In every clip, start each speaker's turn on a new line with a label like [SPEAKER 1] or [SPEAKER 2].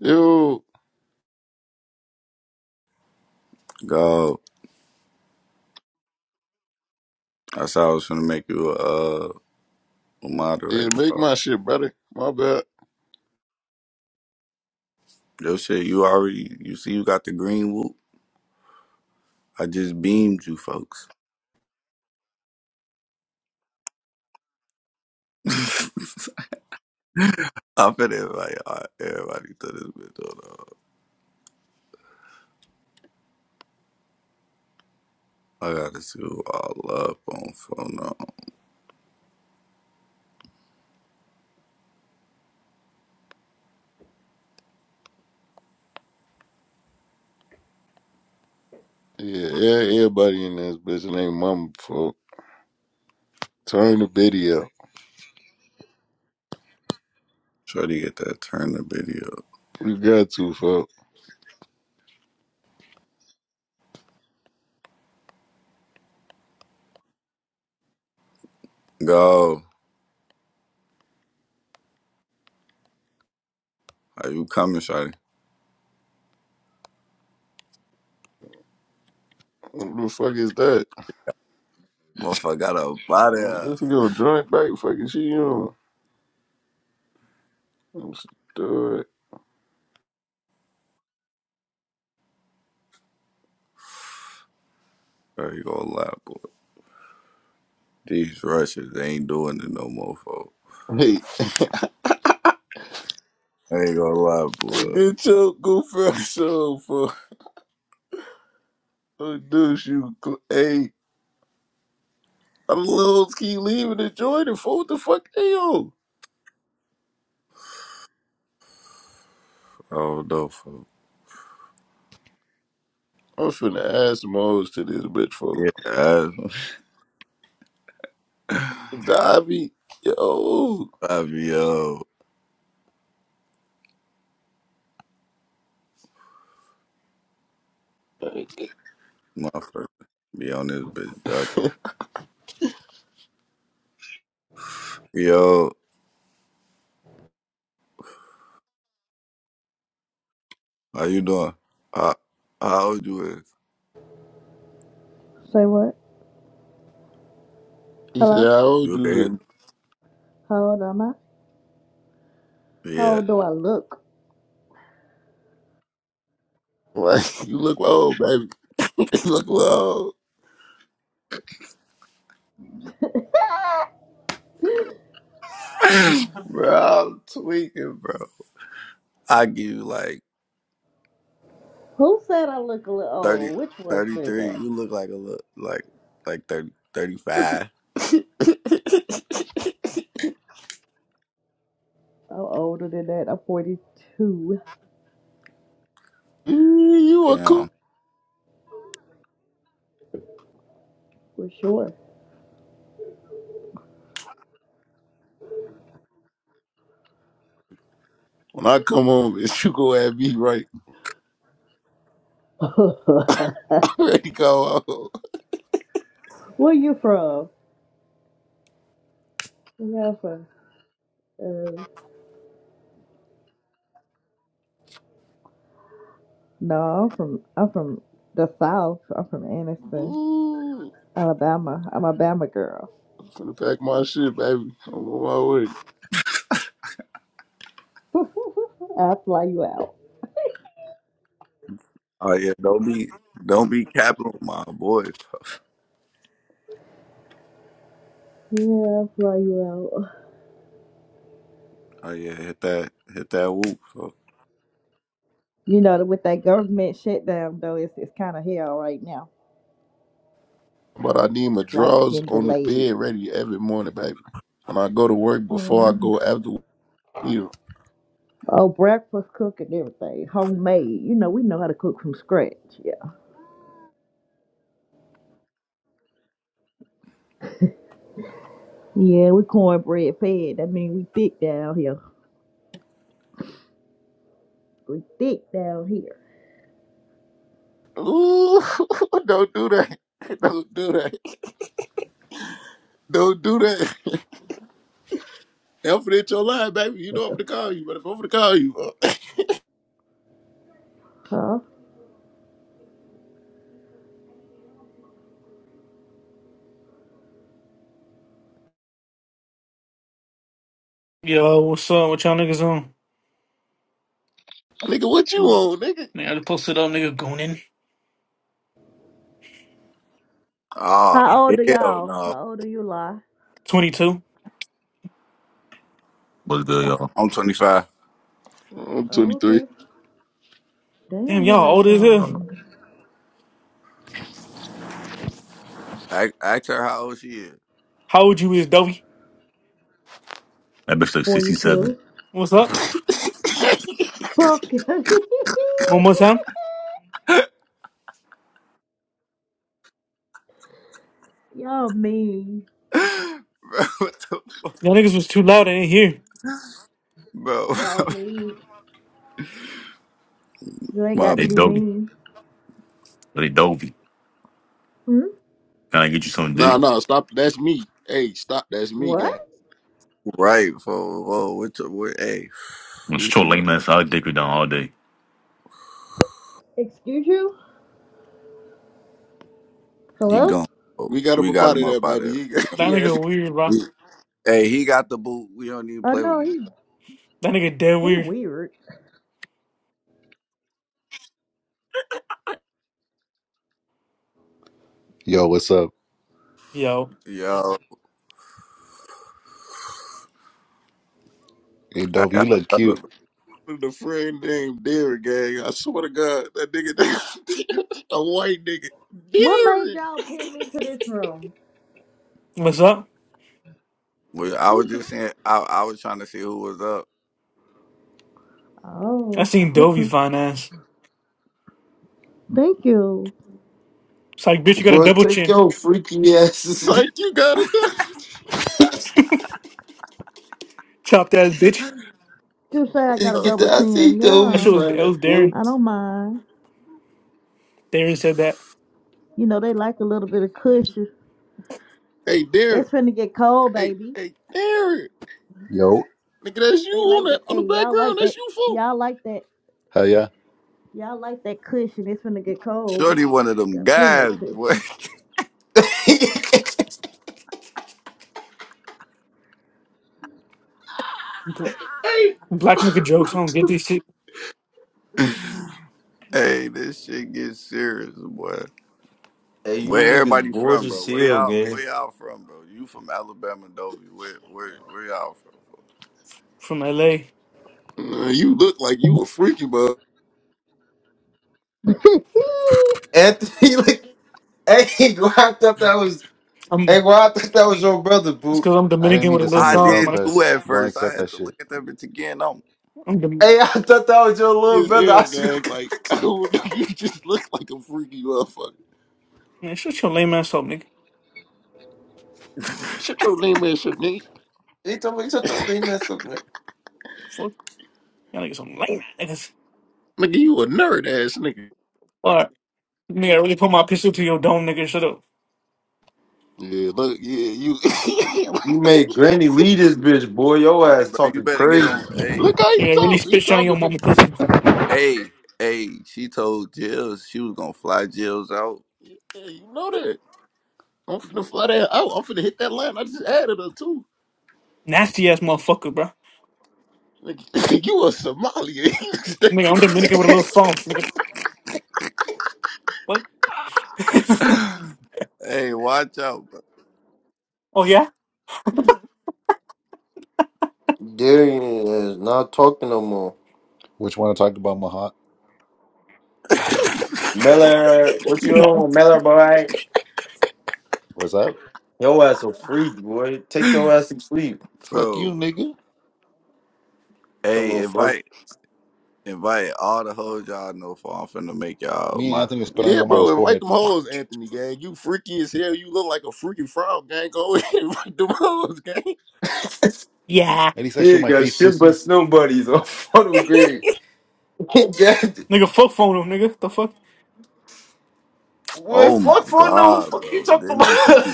[SPEAKER 1] Yo,
[SPEAKER 2] Go. That's how I was gonna make you a, uh, a
[SPEAKER 1] yeah,
[SPEAKER 2] moderator,
[SPEAKER 1] make
[SPEAKER 2] bro.
[SPEAKER 1] my shit better. My bad.
[SPEAKER 2] Yo, shit, you already, you see, you got the green whoop. I just beamed you, folks. I fit everybody, all- everybody to this bitch, hold up. I got this you all up on phone now.
[SPEAKER 1] Yeah, yeah, everybody in this bitch named Mama, folks. Turn the video.
[SPEAKER 2] Try to get that turn the video.
[SPEAKER 1] You got to, folks.
[SPEAKER 2] Go. Are you coming, Shotty?
[SPEAKER 1] What the fuck is that?
[SPEAKER 2] Motherfucker got a body up.
[SPEAKER 1] This girl drunk, back fucking she on. I'm stupid.
[SPEAKER 2] There you go, lie, boy. These Russians ain't doing it no more, folks.
[SPEAKER 1] Hey,
[SPEAKER 2] I ain't gonna lie,
[SPEAKER 1] hey,
[SPEAKER 2] boy.
[SPEAKER 1] get your goofy ass on, folks. Oh, dude, you. cl- Hey, I'm little keep leaving the joint and fuck What the fuck they on?
[SPEAKER 2] I don't know, folks.
[SPEAKER 1] I'm finna ask some hoes to this bitch, folks.
[SPEAKER 2] Yeah.
[SPEAKER 1] Dobby, yo.
[SPEAKER 2] Five, yo, my first be on this bitch, doc. Yo, how you doing? How how old you is?
[SPEAKER 3] Say what?
[SPEAKER 1] He said,
[SPEAKER 3] Hello?
[SPEAKER 1] "How old
[SPEAKER 2] You okay?
[SPEAKER 1] you?"
[SPEAKER 2] Hear
[SPEAKER 1] is?"
[SPEAKER 2] me?
[SPEAKER 3] How old am I? How
[SPEAKER 2] Yeah,
[SPEAKER 3] old do I look?
[SPEAKER 1] Like you look old, baby. You look old.
[SPEAKER 2] bro, I'm tweaking, bro. I give you like
[SPEAKER 3] Who said I look a little
[SPEAKER 2] 30,
[SPEAKER 3] old? Which one said
[SPEAKER 2] 33.
[SPEAKER 3] that?
[SPEAKER 2] You look like a look like like 30, 35.
[SPEAKER 3] I'm older than that. I'm 42
[SPEAKER 1] you a cool.
[SPEAKER 2] Damn.
[SPEAKER 3] for sure.
[SPEAKER 1] When I come home, bitch, you go at me right. Ready go home.
[SPEAKER 3] Where you from? Yeah, I'm from. Uh, no, I'm from. I'm from the South. I'm from Anniston,
[SPEAKER 1] Ooh,
[SPEAKER 3] Alabama. I'm a Bama girl.
[SPEAKER 1] I'm finna pack my shit, baby. I'm on my way.
[SPEAKER 3] i fly you out.
[SPEAKER 2] Oh yeah, don't be don't be capping with my boy. Bro.
[SPEAKER 3] Yeah, i fly you out.
[SPEAKER 2] Oh yeah, hit that hit that whoop. Bro.
[SPEAKER 3] You know, with that government shutdown though, it's it's kind of hell right now.
[SPEAKER 1] But I need my
[SPEAKER 3] Flights
[SPEAKER 1] drawers
[SPEAKER 3] getting
[SPEAKER 1] on the
[SPEAKER 3] delayed.
[SPEAKER 1] bed ready every morning, baby. When I go to work, before I
[SPEAKER 3] Mhm.
[SPEAKER 1] go after you.
[SPEAKER 3] Oh, breakfast cook and everything. Homemade. You know, we know how to cook from scratch. Yeah. Yeah, we cornbread fed. I mean, we thick down here. We thick down here.
[SPEAKER 1] Ooh, don't do that. Don't do that. Don't do that. Alfred ain't your line, baby. You know I'm to call you, but if I'm to call you, uh,
[SPEAKER 3] huh?
[SPEAKER 4] Yo, what's up? What y'all niggas on?
[SPEAKER 1] nigga, what you on, nigga?
[SPEAKER 4] Nigga, I just posted up, nigga, goonin.
[SPEAKER 2] Oh
[SPEAKER 3] How old are
[SPEAKER 2] hell
[SPEAKER 3] y'all?
[SPEAKER 2] no,
[SPEAKER 3] How old are you, Lie?
[SPEAKER 4] 22.
[SPEAKER 5] What's good, y'all?
[SPEAKER 2] I'm 25.
[SPEAKER 1] Oh, I'm
[SPEAKER 3] Oh,
[SPEAKER 1] 23.
[SPEAKER 3] okay.
[SPEAKER 4] Damn,
[SPEAKER 3] Damn, y'all
[SPEAKER 4] y'all old as hell.
[SPEAKER 5] Uh,
[SPEAKER 3] young.
[SPEAKER 2] I ask her how old she
[SPEAKER 4] How old you is, Dovey?
[SPEAKER 5] That bitch like 67.
[SPEAKER 3] 42.
[SPEAKER 4] What's up?
[SPEAKER 3] Fuck.
[SPEAKER 4] One more time?
[SPEAKER 2] is.
[SPEAKER 3] y'all mean.
[SPEAKER 2] bro, what the fuck?
[SPEAKER 4] Y'all niggas was too loud, I didn't hear.
[SPEAKER 2] Bro,
[SPEAKER 3] Y'all mean. You ain't
[SPEAKER 2] my
[SPEAKER 3] got to
[SPEAKER 5] Hey,
[SPEAKER 3] be
[SPEAKER 5] Dovey.
[SPEAKER 3] mean.
[SPEAKER 5] Hey, Dovey.
[SPEAKER 3] Hmm?
[SPEAKER 5] Can I get you some
[SPEAKER 1] Nah,
[SPEAKER 5] dick?
[SPEAKER 1] nah, stop. That's me. Hey, stop. That's me,
[SPEAKER 3] What?
[SPEAKER 1] gang.
[SPEAKER 2] right, fool. Whoa, what the, what, hey,
[SPEAKER 5] I'm gonna
[SPEAKER 2] we finna,
[SPEAKER 5] lame ass. I'll dick her down all day.
[SPEAKER 3] Excuse you?
[SPEAKER 2] he
[SPEAKER 3] Hello?
[SPEAKER 2] gone. fool.
[SPEAKER 1] We got up
[SPEAKER 2] We
[SPEAKER 1] up
[SPEAKER 2] got
[SPEAKER 1] out
[SPEAKER 2] him
[SPEAKER 1] of there,
[SPEAKER 2] up out
[SPEAKER 1] baby.
[SPEAKER 2] there.
[SPEAKER 1] He, got- he
[SPEAKER 4] That
[SPEAKER 1] had
[SPEAKER 4] nigga weird, bro.
[SPEAKER 2] We- Hey, he got the boot. We don't even
[SPEAKER 3] Oh,
[SPEAKER 2] play with
[SPEAKER 3] no,
[SPEAKER 2] niggas.
[SPEAKER 3] he,
[SPEAKER 4] That nigga dead
[SPEAKER 3] he
[SPEAKER 4] weird.
[SPEAKER 3] weird.
[SPEAKER 6] Yo, what's up?
[SPEAKER 4] Yo,
[SPEAKER 2] Yo,
[SPEAKER 6] Hey,
[SPEAKER 2] I,
[SPEAKER 6] Dove,
[SPEAKER 2] I,
[SPEAKER 6] you look cute.
[SPEAKER 1] the friend named Derek, gang. I swear to God, that nigga, a white nigga.
[SPEAKER 3] What made
[SPEAKER 1] Derek.
[SPEAKER 3] y'all pin me to this room?
[SPEAKER 4] what's up?
[SPEAKER 2] well, I was
[SPEAKER 3] Who-
[SPEAKER 2] just saying, I, I was trying to see who was up.
[SPEAKER 4] I
[SPEAKER 3] Oh,
[SPEAKER 4] seen Dovey
[SPEAKER 3] okay.
[SPEAKER 4] fine ass.
[SPEAKER 3] Thank you.
[SPEAKER 4] It's like, bitch, you got a
[SPEAKER 7] Bro,
[SPEAKER 4] double
[SPEAKER 7] take
[SPEAKER 4] chin.
[SPEAKER 7] your freaky asses
[SPEAKER 1] Psych, you gotta die.
[SPEAKER 4] Chopped ass bitch.
[SPEAKER 3] You say I got a
[SPEAKER 7] and
[SPEAKER 2] Uh,
[SPEAKER 7] get
[SPEAKER 3] double
[SPEAKER 7] the I see
[SPEAKER 3] chin.
[SPEAKER 4] That
[SPEAKER 7] Toby
[SPEAKER 3] Yeah,
[SPEAKER 4] shit was,
[SPEAKER 7] find
[SPEAKER 4] that was
[SPEAKER 7] that boy.
[SPEAKER 4] Darren.
[SPEAKER 3] I don't mind.
[SPEAKER 4] Darren said that.
[SPEAKER 3] You know, they like a little bit of cushion.
[SPEAKER 1] Hey, Derek.
[SPEAKER 3] It's finna get cold,
[SPEAKER 1] Hey,
[SPEAKER 3] baby.
[SPEAKER 1] hey, Derek.
[SPEAKER 6] Yo,
[SPEAKER 1] Nigga, that's you
[SPEAKER 3] They like
[SPEAKER 1] on that
[SPEAKER 3] that.
[SPEAKER 1] on the
[SPEAKER 3] Hey, y'all
[SPEAKER 1] background.
[SPEAKER 3] like
[SPEAKER 1] That's
[SPEAKER 3] that.
[SPEAKER 1] you, fool.
[SPEAKER 3] Y'all like that.
[SPEAKER 6] Hell yeah.
[SPEAKER 3] Y'all like that cushion. It's finna get cold.
[SPEAKER 2] Shorty, one of them
[SPEAKER 3] Got plenty of
[SPEAKER 2] guys, boy.
[SPEAKER 3] cushion.
[SPEAKER 4] Black nigga jokes, I don't get this shit
[SPEAKER 2] hey, this shit gets serious, boy.
[SPEAKER 7] Hey, you
[SPEAKER 2] Where
[SPEAKER 7] niggas
[SPEAKER 2] everybody
[SPEAKER 7] bored
[SPEAKER 2] from,
[SPEAKER 7] as
[SPEAKER 2] bro? Where
[SPEAKER 7] hell,
[SPEAKER 2] y'all? Where
[SPEAKER 7] gang.
[SPEAKER 2] y'all from, bro? You from Alabama, Dovey? Where, where, where y'all from?
[SPEAKER 4] from LA.
[SPEAKER 1] Nah, you look like you a freaky, bud.
[SPEAKER 7] Anthony, like, hey, bro, I thought that was,
[SPEAKER 4] I'm,
[SPEAKER 7] hey, bro, I thought that was your brother,
[SPEAKER 4] it's
[SPEAKER 7] boo.
[SPEAKER 4] cause I'm
[SPEAKER 6] I didn't
[SPEAKER 4] Dominican
[SPEAKER 6] mean
[SPEAKER 4] with a
[SPEAKER 6] to
[SPEAKER 2] Well,
[SPEAKER 4] little
[SPEAKER 6] send
[SPEAKER 2] I
[SPEAKER 6] you a friend
[SPEAKER 4] sauce,
[SPEAKER 2] did
[SPEAKER 4] man.
[SPEAKER 2] too
[SPEAKER 6] request.
[SPEAKER 2] at
[SPEAKER 6] Don't
[SPEAKER 2] first. I
[SPEAKER 6] accept
[SPEAKER 2] had
[SPEAKER 6] that
[SPEAKER 2] to look
[SPEAKER 6] shit.
[SPEAKER 2] at that bitch again. On
[SPEAKER 4] I'm Dom-
[SPEAKER 7] Hey, I thought that was your little
[SPEAKER 1] as
[SPEAKER 7] brother.
[SPEAKER 1] hell,
[SPEAKER 7] I swear. to
[SPEAKER 1] gang.
[SPEAKER 7] God.
[SPEAKER 1] Like, I don't know. You just look like a freaky motherfucker.
[SPEAKER 4] Man, shut your lame ass up, nigga.
[SPEAKER 1] Shut your lame ass up, nigga.
[SPEAKER 7] He told me, shut your lame ass up, man.
[SPEAKER 4] Fuck. Y'all niggas some lame ass niggas.
[SPEAKER 1] Nigga, you a nerd ass nigga.
[SPEAKER 4] All right, nigga, I really put my pistol to your dome, nigga. Shut up.
[SPEAKER 1] Yeah, look, yeah, you.
[SPEAKER 7] You made Granny lead this bitch, boy. Your
[SPEAKER 2] right,
[SPEAKER 7] ass
[SPEAKER 2] bro. You
[SPEAKER 7] talking
[SPEAKER 2] better get
[SPEAKER 7] crazy.
[SPEAKER 2] on. Hey,
[SPEAKER 1] look how he
[SPEAKER 4] Nigga, I really
[SPEAKER 1] talk. He
[SPEAKER 4] spit shit on your
[SPEAKER 1] talking. fa-
[SPEAKER 4] mama pussy.
[SPEAKER 2] hey, hey. She told Jills she was gonna fly Jills out.
[SPEAKER 1] Yeah, you know that. I'm finna fly that out. I'm finna hit that line. I just added her too.
[SPEAKER 4] Nasty ass motherfucker, bro.
[SPEAKER 1] Nigga, you a Somalia. you
[SPEAKER 4] Nigga,
[SPEAKER 1] stinking
[SPEAKER 4] I'm
[SPEAKER 1] ass,
[SPEAKER 4] Dominican with a little
[SPEAKER 1] bro.
[SPEAKER 4] sauce, nigga. What?
[SPEAKER 2] hey, watch out,
[SPEAKER 4] Oh yeah?
[SPEAKER 7] Darian is not talking no more.
[SPEAKER 6] Which one want to talk about, Mahat?
[SPEAKER 7] Miller, what you
[SPEAKER 4] Nah.
[SPEAKER 7] on, Miller boy?
[SPEAKER 6] What's up?
[SPEAKER 7] Your ass a freak, boy. Take
[SPEAKER 2] bro.
[SPEAKER 7] your ass to sleep.
[SPEAKER 6] Fuck you,
[SPEAKER 2] bro.
[SPEAKER 6] nigga.
[SPEAKER 7] That
[SPEAKER 2] Hey,
[SPEAKER 7] motherfucker.
[SPEAKER 2] invite, invite all the hoes y'all know for. I'm finna make y'all
[SPEAKER 6] Me and Anthony
[SPEAKER 2] moderate.
[SPEAKER 6] spit on
[SPEAKER 1] Yeah,
[SPEAKER 6] your mama's
[SPEAKER 1] bro, invite
[SPEAKER 6] forehead.
[SPEAKER 1] them hoes,
[SPEAKER 6] At
[SPEAKER 1] Anthony, gang. You freaky as hell. You look like a freaky frog, gang. Go invite them hoes, gang.
[SPEAKER 4] Yeah.
[SPEAKER 6] least I
[SPEAKER 7] He
[SPEAKER 6] show
[SPEAKER 7] ain't
[SPEAKER 6] my
[SPEAKER 7] got
[SPEAKER 6] face,
[SPEAKER 7] shit but
[SPEAKER 6] pussy.
[SPEAKER 7] snow buddies on funnel grade. God,
[SPEAKER 4] Nigga, fuck phone nigga. The fuck?
[SPEAKER 7] boy.
[SPEAKER 2] Oh my
[SPEAKER 7] fuck funnel?
[SPEAKER 2] god,
[SPEAKER 7] Fuck you
[SPEAKER 2] bro.
[SPEAKER 7] talking
[SPEAKER 2] Then it's you.
[SPEAKER 7] about?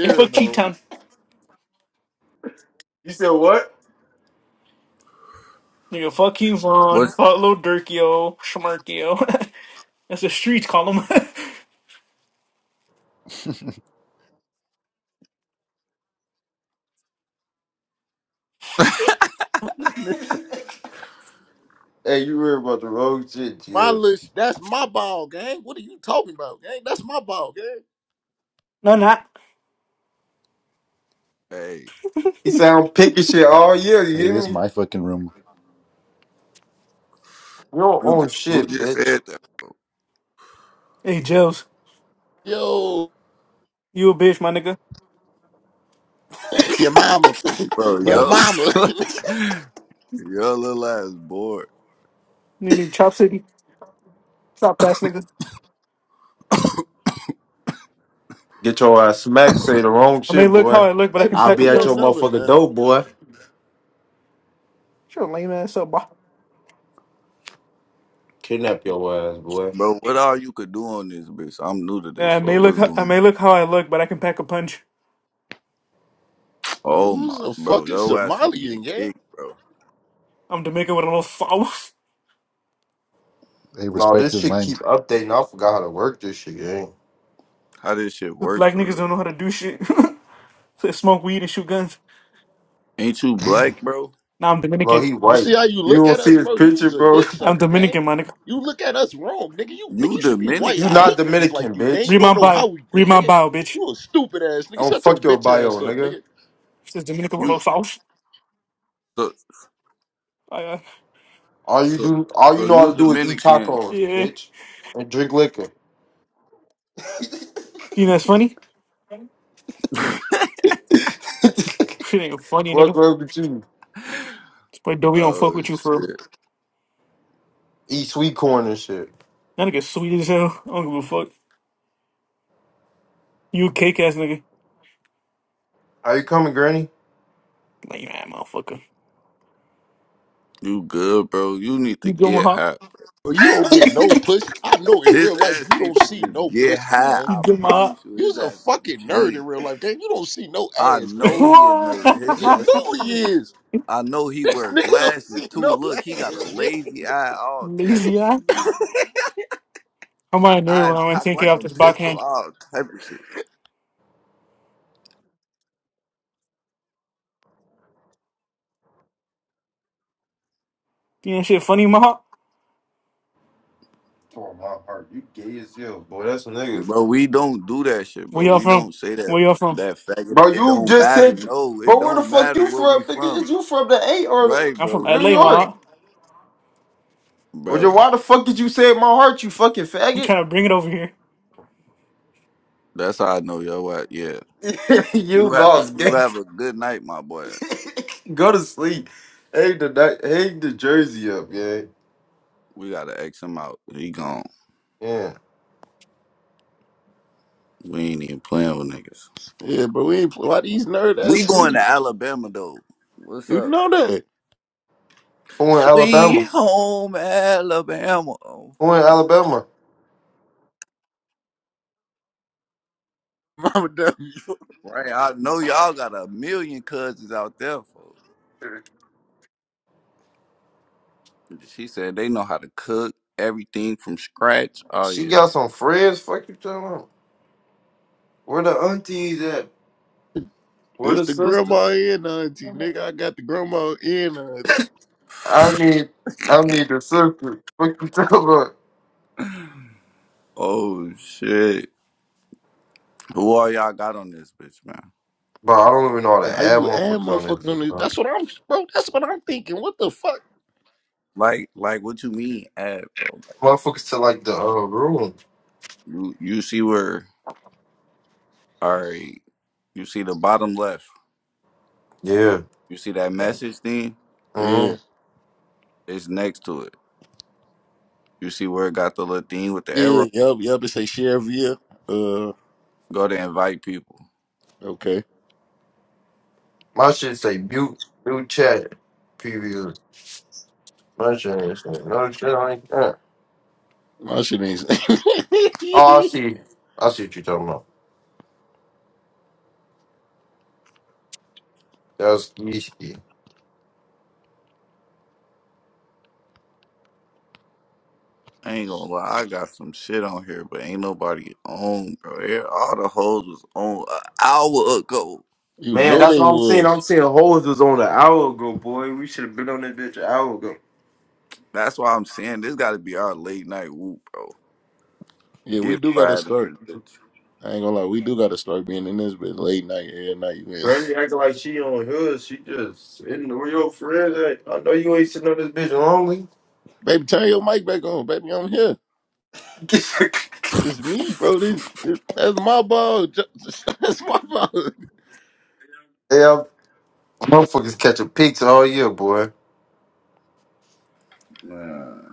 [SPEAKER 4] Hey, fuck Cheat
[SPEAKER 1] though.
[SPEAKER 4] Town.
[SPEAKER 7] you said what?
[SPEAKER 4] Nigga, fuck King Von.
[SPEAKER 2] What's
[SPEAKER 4] Fuck Lil Durkio. Schmirkio. That's the streets call him.
[SPEAKER 7] Hey, you worry about the wrong shit,
[SPEAKER 1] My
[SPEAKER 7] Jills.
[SPEAKER 1] list, that's my ball gang. What are you talking about, gang? That's my ball gang.
[SPEAKER 4] no, not.
[SPEAKER 2] hey?
[SPEAKER 7] He said I'm picking shit all year. You
[SPEAKER 6] Hey,
[SPEAKER 7] hear
[SPEAKER 6] this
[SPEAKER 7] me?
[SPEAKER 6] is my fucking room.
[SPEAKER 7] You don't
[SPEAKER 2] Who
[SPEAKER 7] own
[SPEAKER 2] just, who
[SPEAKER 7] shit,
[SPEAKER 2] just
[SPEAKER 7] bitch.
[SPEAKER 2] said that?
[SPEAKER 4] Hey, Jels.
[SPEAKER 1] Yo,
[SPEAKER 4] You a bitch, my nigga.
[SPEAKER 1] your mama,
[SPEAKER 2] Bro,
[SPEAKER 1] your
[SPEAKER 2] yo,
[SPEAKER 6] Facts.
[SPEAKER 1] mama.
[SPEAKER 2] your little ass bored.
[SPEAKER 4] You need Chop City. Stop that, nigga.
[SPEAKER 7] Get your ass smacked. Say the wrong
[SPEAKER 4] I may
[SPEAKER 7] shit,
[SPEAKER 4] look how
[SPEAKER 7] boy.
[SPEAKER 4] I look, but I
[SPEAKER 1] Baby,
[SPEAKER 4] can
[SPEAKER 7] I'll
[SPEAKER 4] pack
[SPEAKER 1] send
[SPEAKER 4] a
[SPEAKER 7] be
[SPEAKER 1] me
[SPEAKER 7] at
[SPEAKER 1] your
[SPEAKER 4] punch.
[SPEAKER 7] your
[SPEAKER 1] number,
[SPEAKER 7] motherfucking
[SPEAKER 1] man.
[SPEAKER 7] door, boy.
[SPEAKER 4] Shut your lame ass up, boy.
[SPEAKER 7] Kidnap your ass, boy.
[SPEAKER 2] Bro, what all you could do on this bitch? I'm new to
[SPEAKER 4] Yeah,
[SPEAKER 2] this,
[SPEAKER 4] I
[SPEAKER 2] so
[SPEAKER 4] may look,
[SPEAKER 2] what's going
[SPEAKER 4] I may
[SPEAKER 2] on?
[SPEAKER 4] look how I look, but I can pack a punch.
[SPEAKER 1] You
[SPEAKER 2] Oh my,
[SPEAKER 1] was a
[SPEAKER 2] bro,
[SPEAKER 1] fucking
[SPEAKER 2] yo ass finna
[SPEAKER 1] Somalian,
[SPEAKER 2] get
[SPEAKER 1] gang.
[SPEAKER 2] kicked, bro.
[SPEAKER 4] I'm Jamaican with a little foul.
[SPEAKER 6] Hey,
[SPEAKER 7] No,
[SPEAKER 6] respect
[SPEAKER 7] this
[SPEAKER 6] his
[SPEAKER 7] shit
[SPEAKER 6] mind.
[SPEAKER 7] keep updating. I forgot how to work this shit, gang.
[SPEAKER 2] How this shit
[SPEAKER 4] 'Cause
[SPEAKER 2] work
[SPEAKER 4] black
[SPEAKER 2] for
[SPEAKER 4] niggas don't
[SPEAKER 2] real?
[SPEAKER 4] know how to do shit. they smoke weed and shoot guns.
[SPEAKER 2] Ain't you black, bro?
[SPEAKER 4] Nah, I'm
[SPEAKER 7] Bro,
[SPEAKER 4] Dominican.
[SPEAKER 7] he
[SPEAKER 1] You
[SPEAKER 7] white.
[SPEAKER 1] see how you
[SPEAKER 7] You
[SPEAKER 1] look
[SPEAKER 7] don't
[SPEAKER 1] at
[SPEAKER 7] see
[SPEAKER 1] us,
[SPEAKER 7] his
[SPEAKER 1] bro? You
[SPEAKER 7] picture,
[SPEAKER 1] was a
[SPEAKER 7] bro.
[SPEAKER 1] dick
[SPEAKER 4] I'm
[SPEAKER 1] sucker, gang.
[SPEAKER 4] Dominican, my nigga.
[SPEAKER 1] You look at us wrong, nigga. You nigga,
[SPEAKER 2] You
[SPEAKER 1] you should be white.
[SPEAKER 7] You
[SPEAKER 1] I
[SPEAKER 2] Dominican?
[SPEAKER 7] not
[SPEAKER 1] hate niggas like
[SPEAKER 7] Dominican,
[SPEAKER 1] you, gang. You
[SPEAKER 4] Read
[SPEAKER 7] bitch.
[SPEAKER 4] my
[SPEAKER 1] don't know
[SPEAKER 4] bio.
[SPEAKER 1] how we
[SPEAKER 4] Read
[SPEAKER 1] think,
[SPEAKER 4] my
[SPEAKER 1] nigga.
[SPEAKER 4] bio, bitch.
[SPEAKER 1] You a stupid ass
[SPEAKER 7] I
[SPEAKER 1] nigga.
[SPEAKER 7] don't
[SPEAKER 1] Shut your
[SPEAKER 7] fuck your
[SPEAKER 1] bitch
[SPEAKER 7] bio,
[SPEAKER 1] ass up,
[SPEAKER 7] nigga.
[SPEAKER 1] nigga.
[SPEAKER 4] It says Dominican with a
[SPEAKER 2] You
[SPEAKER 4] little sauce.
[SPEAKER 2] so
[SPEAKER 4] I, uh,
[SPEAKER 7] All you
[SPEAKER 2] so
[SPEAKER 7] do, all you
[SPEAKER 2] so
[SPEAKER 7] know how
[SPEAKER 2] you
[SPEAKER 7] to do is eat
[SPEAKER 2] Dominican?
[SPEAKER 7] tacos,
[SPEAKER 4] yeah.
[SPEAKER 7] bitch, and drink liquor.
[SPEAKER 4] Think that's funny? Shit ain't funny,
[SPEAKER 7] Fuck
[SPEAKER 4] nigga.
[SPEAKER 7] wrong with you?
[SPEAKER 4] It's But Dobie don't fuck
[SPEAKER 2] Oh
[SPEAKER 4] with you for real.
[SPEAKER 2] shit,
[SPEAKER 7] Eat sweet corn and shit.
[SPEAKER 4] That nigga sweet as hell. I don't give a fuck. You a cake ass nigga.
[SPEAKER 7] Are you coming, Granny?
[SPEAKER 4] Like, man, motherfucker.
[SPEAKER 2] you good, bro? You need
[SPEAKER 4] You
[SPEAKER 2] to
[SPEAKER 4] give my
[SPEAKER 2] get
[SPEAKER 4] heart.
[SPEAKER 2] high.
[SPEAKER 1] But you don't get no pussy. I know in real
[SPEAKER 2] His
[SPEAKER 1] life
[SPEAKER 2] ass
[SPEAKER 1] you
[SPEAKER 2] need
[SPEAKER 1] don't
[SPEAKER 2] to
[SPEAKER 1] see
[SPEAKER 2] just
[SPEAKER 1] no
[SPEAKER 2] get
[SPEAKER 1] pussy,
[SPEAKER 2] high.
[SPEAKER 1] gang.
[SPEAKER 4] You
[SPEAKER 2] I
[SPEAKER 4] give my
[SPEAKER 2] promise you, his
[SPEAKER 1] You's a
[SPEAKER 2] ass gonna
[SPEAKER 1] fucking nerd
[SPEAKER 2] change.
[SPEAKER 1] in real life, gang. You don't see no
[SPEAKER 2] I
[SPEAKER 1] ass, gang.
[SPEAKER 2] know he a nerd. His
[SPEAKER 1] You
[SPEAKER 4] heart.
[SPEAKER 2] ass a
[SPEAKER 1] know he is.
[SPEAKER 2] I know he wear
[SPEAKER 1] Nigga don't
[SPEAKER 2] glasses
[SPEAKER 1] see
[SPEAKER 2] too.
[SPEAKER 1] no
[SPEAKER 2] Look, he got a
[SPEAKER 1] ass, gang.
[SPEAKER 2] lazy eye, all type of
[SPEAKER 4] Lazy
[SPEAKER 2] shit.
[SPEAKER 4] ass. I'm on a nerd when
[SPEAKER 2] Eyes
[SPEAKER 4] I went
[SPEAKER 2] cocked
[SPEAKER 4] 10K
[SPEAKER 2] like
[SPEAKER 4] off
[SPEAKER 2] a
[SPEAKER 4] this backhand.
[SPEAKER 2] pistol, all type of shit.
[SPEAKER 4] You ain't shit funny, Maha?
[SPEAKER 7] Oh my heart, you gay as hell, boy. That's a nigga,
[SPEAKER 2] Bro, we don't do that shit,
[SPEAKER 4] Where
[SPEAKER 2] bro.
[SPEAKER 4] y'all
[SPEAKER 2] We
[SPEAKER 4] from?
[SPEAKER 2] don't say that
[SPEAKER 4] Where y'all from?
[SPEAKER 2] that faggot.
[SPEAKER 7] bro.
[SPEAKER 2] It
[SPEAKER 7] You
[SPEAKER 2] don't
[SPEAKER 7] just
[SPEAKER 2] matter.
[SPEAKER 7] said,
[SPEAKER 2] No, it
[SPEAKER 7] bro. Where the
[SPEAKER 2] don't
[SPEAKER 7] fuck
[SPEAKER 2] matter
[SPEAKER 7] you
[SPEAKER 2] where we
[SPEAKER 7] from, nigga?
[SPEAKER 2] from,
[SPEAKER 7] Is you from the eight or the
[SPEAKER 2] right,
[SPEAKER 4] I'm from
[SPEAKER 2] bro?
[SPEAKER 7] New
[SPEAKER 2] It,
[SPEAKER 4] LA,
[SPEAKER 2] it
[SPEAKER 7] York?
[SPEAKER 4] Maha.
[SPEAKER 7] Well, then
[SPEAKER 2] bro.
[SPEAKER 7] why the fuck did you say my heart? You fucking
[SPEAKER 4] We
[SPEAKER 7] faggot.
[SPEAKER 4] trying to bring it over here.
[SPEAKER 2] That's how I know yo. What? Yeah,
[SPEAKER 7] you
[SPEAKER 2] you have a
[SPEAKER 7] lost,
[SPEAKER 2] you
[SPEAKER 7] gang.
[SPEAKER 2] have a good night, my boy.
[SPEAKER 7] Go to sleep. Hang the night- hang the jersey up, yeah.
[SPEAKER 2] We gotta X him out. He gone.
[SPEAKER 7] Yeah.
[SPEAKER 2] We ain't even playing with niggas.
[SPEAKER 1] Yeah, but we ain't why these nerd
[SPEAKER 2] We
[SPEAKER 1] ass
[SPEAKER 2] going
[SPEAKER 1] niggas.
[SPEAKER 2] to Alabama though. What's
[SPEAKER 1] You
[SPEAKER 2] up?
[SPEAKER 1] know that.
[SPEAKER 7] Who in
[SPEAKER 2] Sweet
[SPEAKER 7] Alabama?
[SPEAKER 2] home Alabama. Oh,
[SPEAKER 7] Who in
[SPEAKER 2] folks.
[SPEAKER 7] Alabama?
[SPEAKER 1] Mama W.
[SPEAKER 2] Right. I know y'all got a million cousins out there, folks. She said they know how to cook everything from scratch. Oh
[SPEAKER 7] She
[SPEAKER 2] yeah.
[SPEAKER 7] got some friends. Fuck you talking about. Where the aunties at? Where
[SPEAKER 1] This
[SPEAKER 7] the
[SPEAKER 1] the
[SPEAKER 7] sisters?
[SPEAKER 1] grandma and auntie, nigga. I got the grandma and auntie.
[SPEAKER 7] I need I need the sister. Fuck you talking about.
[SPEAKER 2] Oh shit. Who all y'all got on this bitch, man?
[SPEAKER 7] But I don't even know how to
[SPEAKER 1] Hey, How
[SPEAKER 7] add
[SPEAKER 1] you add
[SPEAKER 7] motherfuckers on this
[SPEAKER 1] motherfuckers on
[SPEAKER 7] bitch,
[SPEAKER 1] this?
[SPEAKER 7] bro.
[SPEAKER 1] That's what I'm, bro. That's what I'm thinking. What the fuck?
[SPEAKER 2] Like like what you mean ad, bro? Like,
[SPEAKER 7] Motherfuckers to like the uh room.
[SPEAKER 2] You you see where all right. You see the bottom left.
[SPEAKER 7] Yeah.
[SPEAKER 2] You see that
[SPEAKER 7] Yeah.
[SPEAKER 2] message thing?
[SPEAKER 7] hmm
[SPEAKER 1] Yeah,
[SPEAKER 2] It's next to it. You see where it got the little thing with the arrow?
[SPEAKER 1] yeah, yup, yup. It say share via. Uh,
[SPEAKER 2] Go to invite people.
[SPEAKER 1] okay.
[SPEAKER 7] My shit say mute, mute chat, previews. My shit ain't shit. No shit like that.
[SPEAKER 1] My shit ain't.
[SPEAKER 7] Oh, I see. I see what you're talking about. That's yeasty.
[SPEAKER 2] I ain't gonna lie, I got some shit on here, but ain't nobody on, bro. Yeah, All the hoes was on an hour ago.
[SPEAKER 1] you
[SPEAKER 7] Man,
[SPEAKER 1] know
[SPEAKER 7] that's what
[SPEAKER 1] they
[SPEAKER 7] I'm saying. I'm
[SPEAKER 1] was.
[SPEAKER 7] saying hoes was on an hour ago, boy. We should have been on that bitch an hour ago.
[SPEAKER 2] That's why I'm saying this got to be our late night whoop, bro.
[SPEAKER 1] Yeah, we
[SPEAKER 2] Get
[SPEAKER 1] do gotta
[SPEAKER 2] fried
[SPEAKER 1] start.
[SPEAKER 2] in this bitch.
[SPEAKER 1] I ain't gonna lie, we do gotta start being in this bit late night, every night you in.
[SPEAKER 7] Granny acting like she on hers. She just sitting where your friends at. I know you ain't sitting on this bitch lonely.
[SPEAKER 1] baby, turn your mic back on, baby. I'm here. It's me, bro. This, this that's my ball. That's my ball.
[SPEAKER 7] yeah, motherfuckers catching pigs all year, boy.
[SPEAKER 2] Man.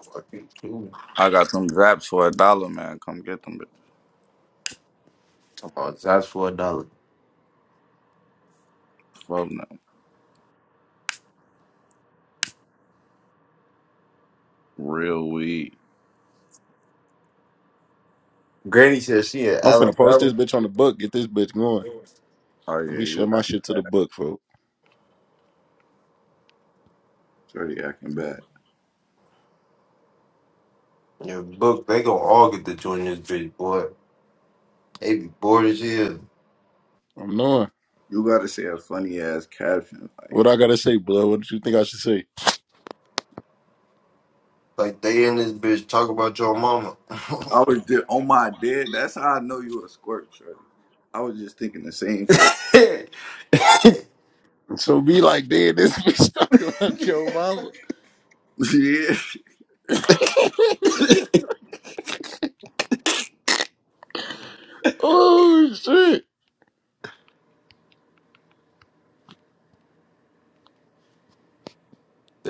[SPEAKER 7] Fuck you, too.
[SPEAKER 2] I got some zaps for a dollar, man. Come get them, bitch.
[SPEAKER 7] Come on, that's for a dollar.
[SPEAKER 2] Fuck now. Real weed.
[SPEAKER 7] Granny said she in
[SPEAKER 1] I'm finna post
[SPEAKER 7] Alabama.
[SPEAKER 1] this bitch on the book. Get this bitch going.
[SPEAKER 2] Oh
[SPEAKER 1] Let
[SPEAKER 2] yeah,
[SPEAKER 1] me
[SPEAKER 2] you
[SPEAKER 1] share my
[SPEAKER 2] acting
[SPEAKER 1] shit to
[SPEAKER 2] bad.
[SPEAKER 1] the book, folk.
[SPEAKER 2] Sure, you acting bad.
[SPEAKER 7] Yeah, book, they gonna all get to join this bitch, boy. They be bored as hell.
[SPEAKER 1] I'm knowing.
[SPEAKER 2] You gotta say a funny ass caption. Like
[SPEAKER 1] What I gotta say, blood? What do you think I should say?
[SPEAKER 7] Like they in this bitch talk about your mama.
[SPEAKER 2] I was just on my dead. That's how I know you a squirt, shorty. I was just thinking the same shit.
[SPEAKER 7] they
[SPEAKER 1] So be like, damn, this bitch talking about your mama.
[SPEAKER 2] yeah.
[SPEAKER 1] oh shit!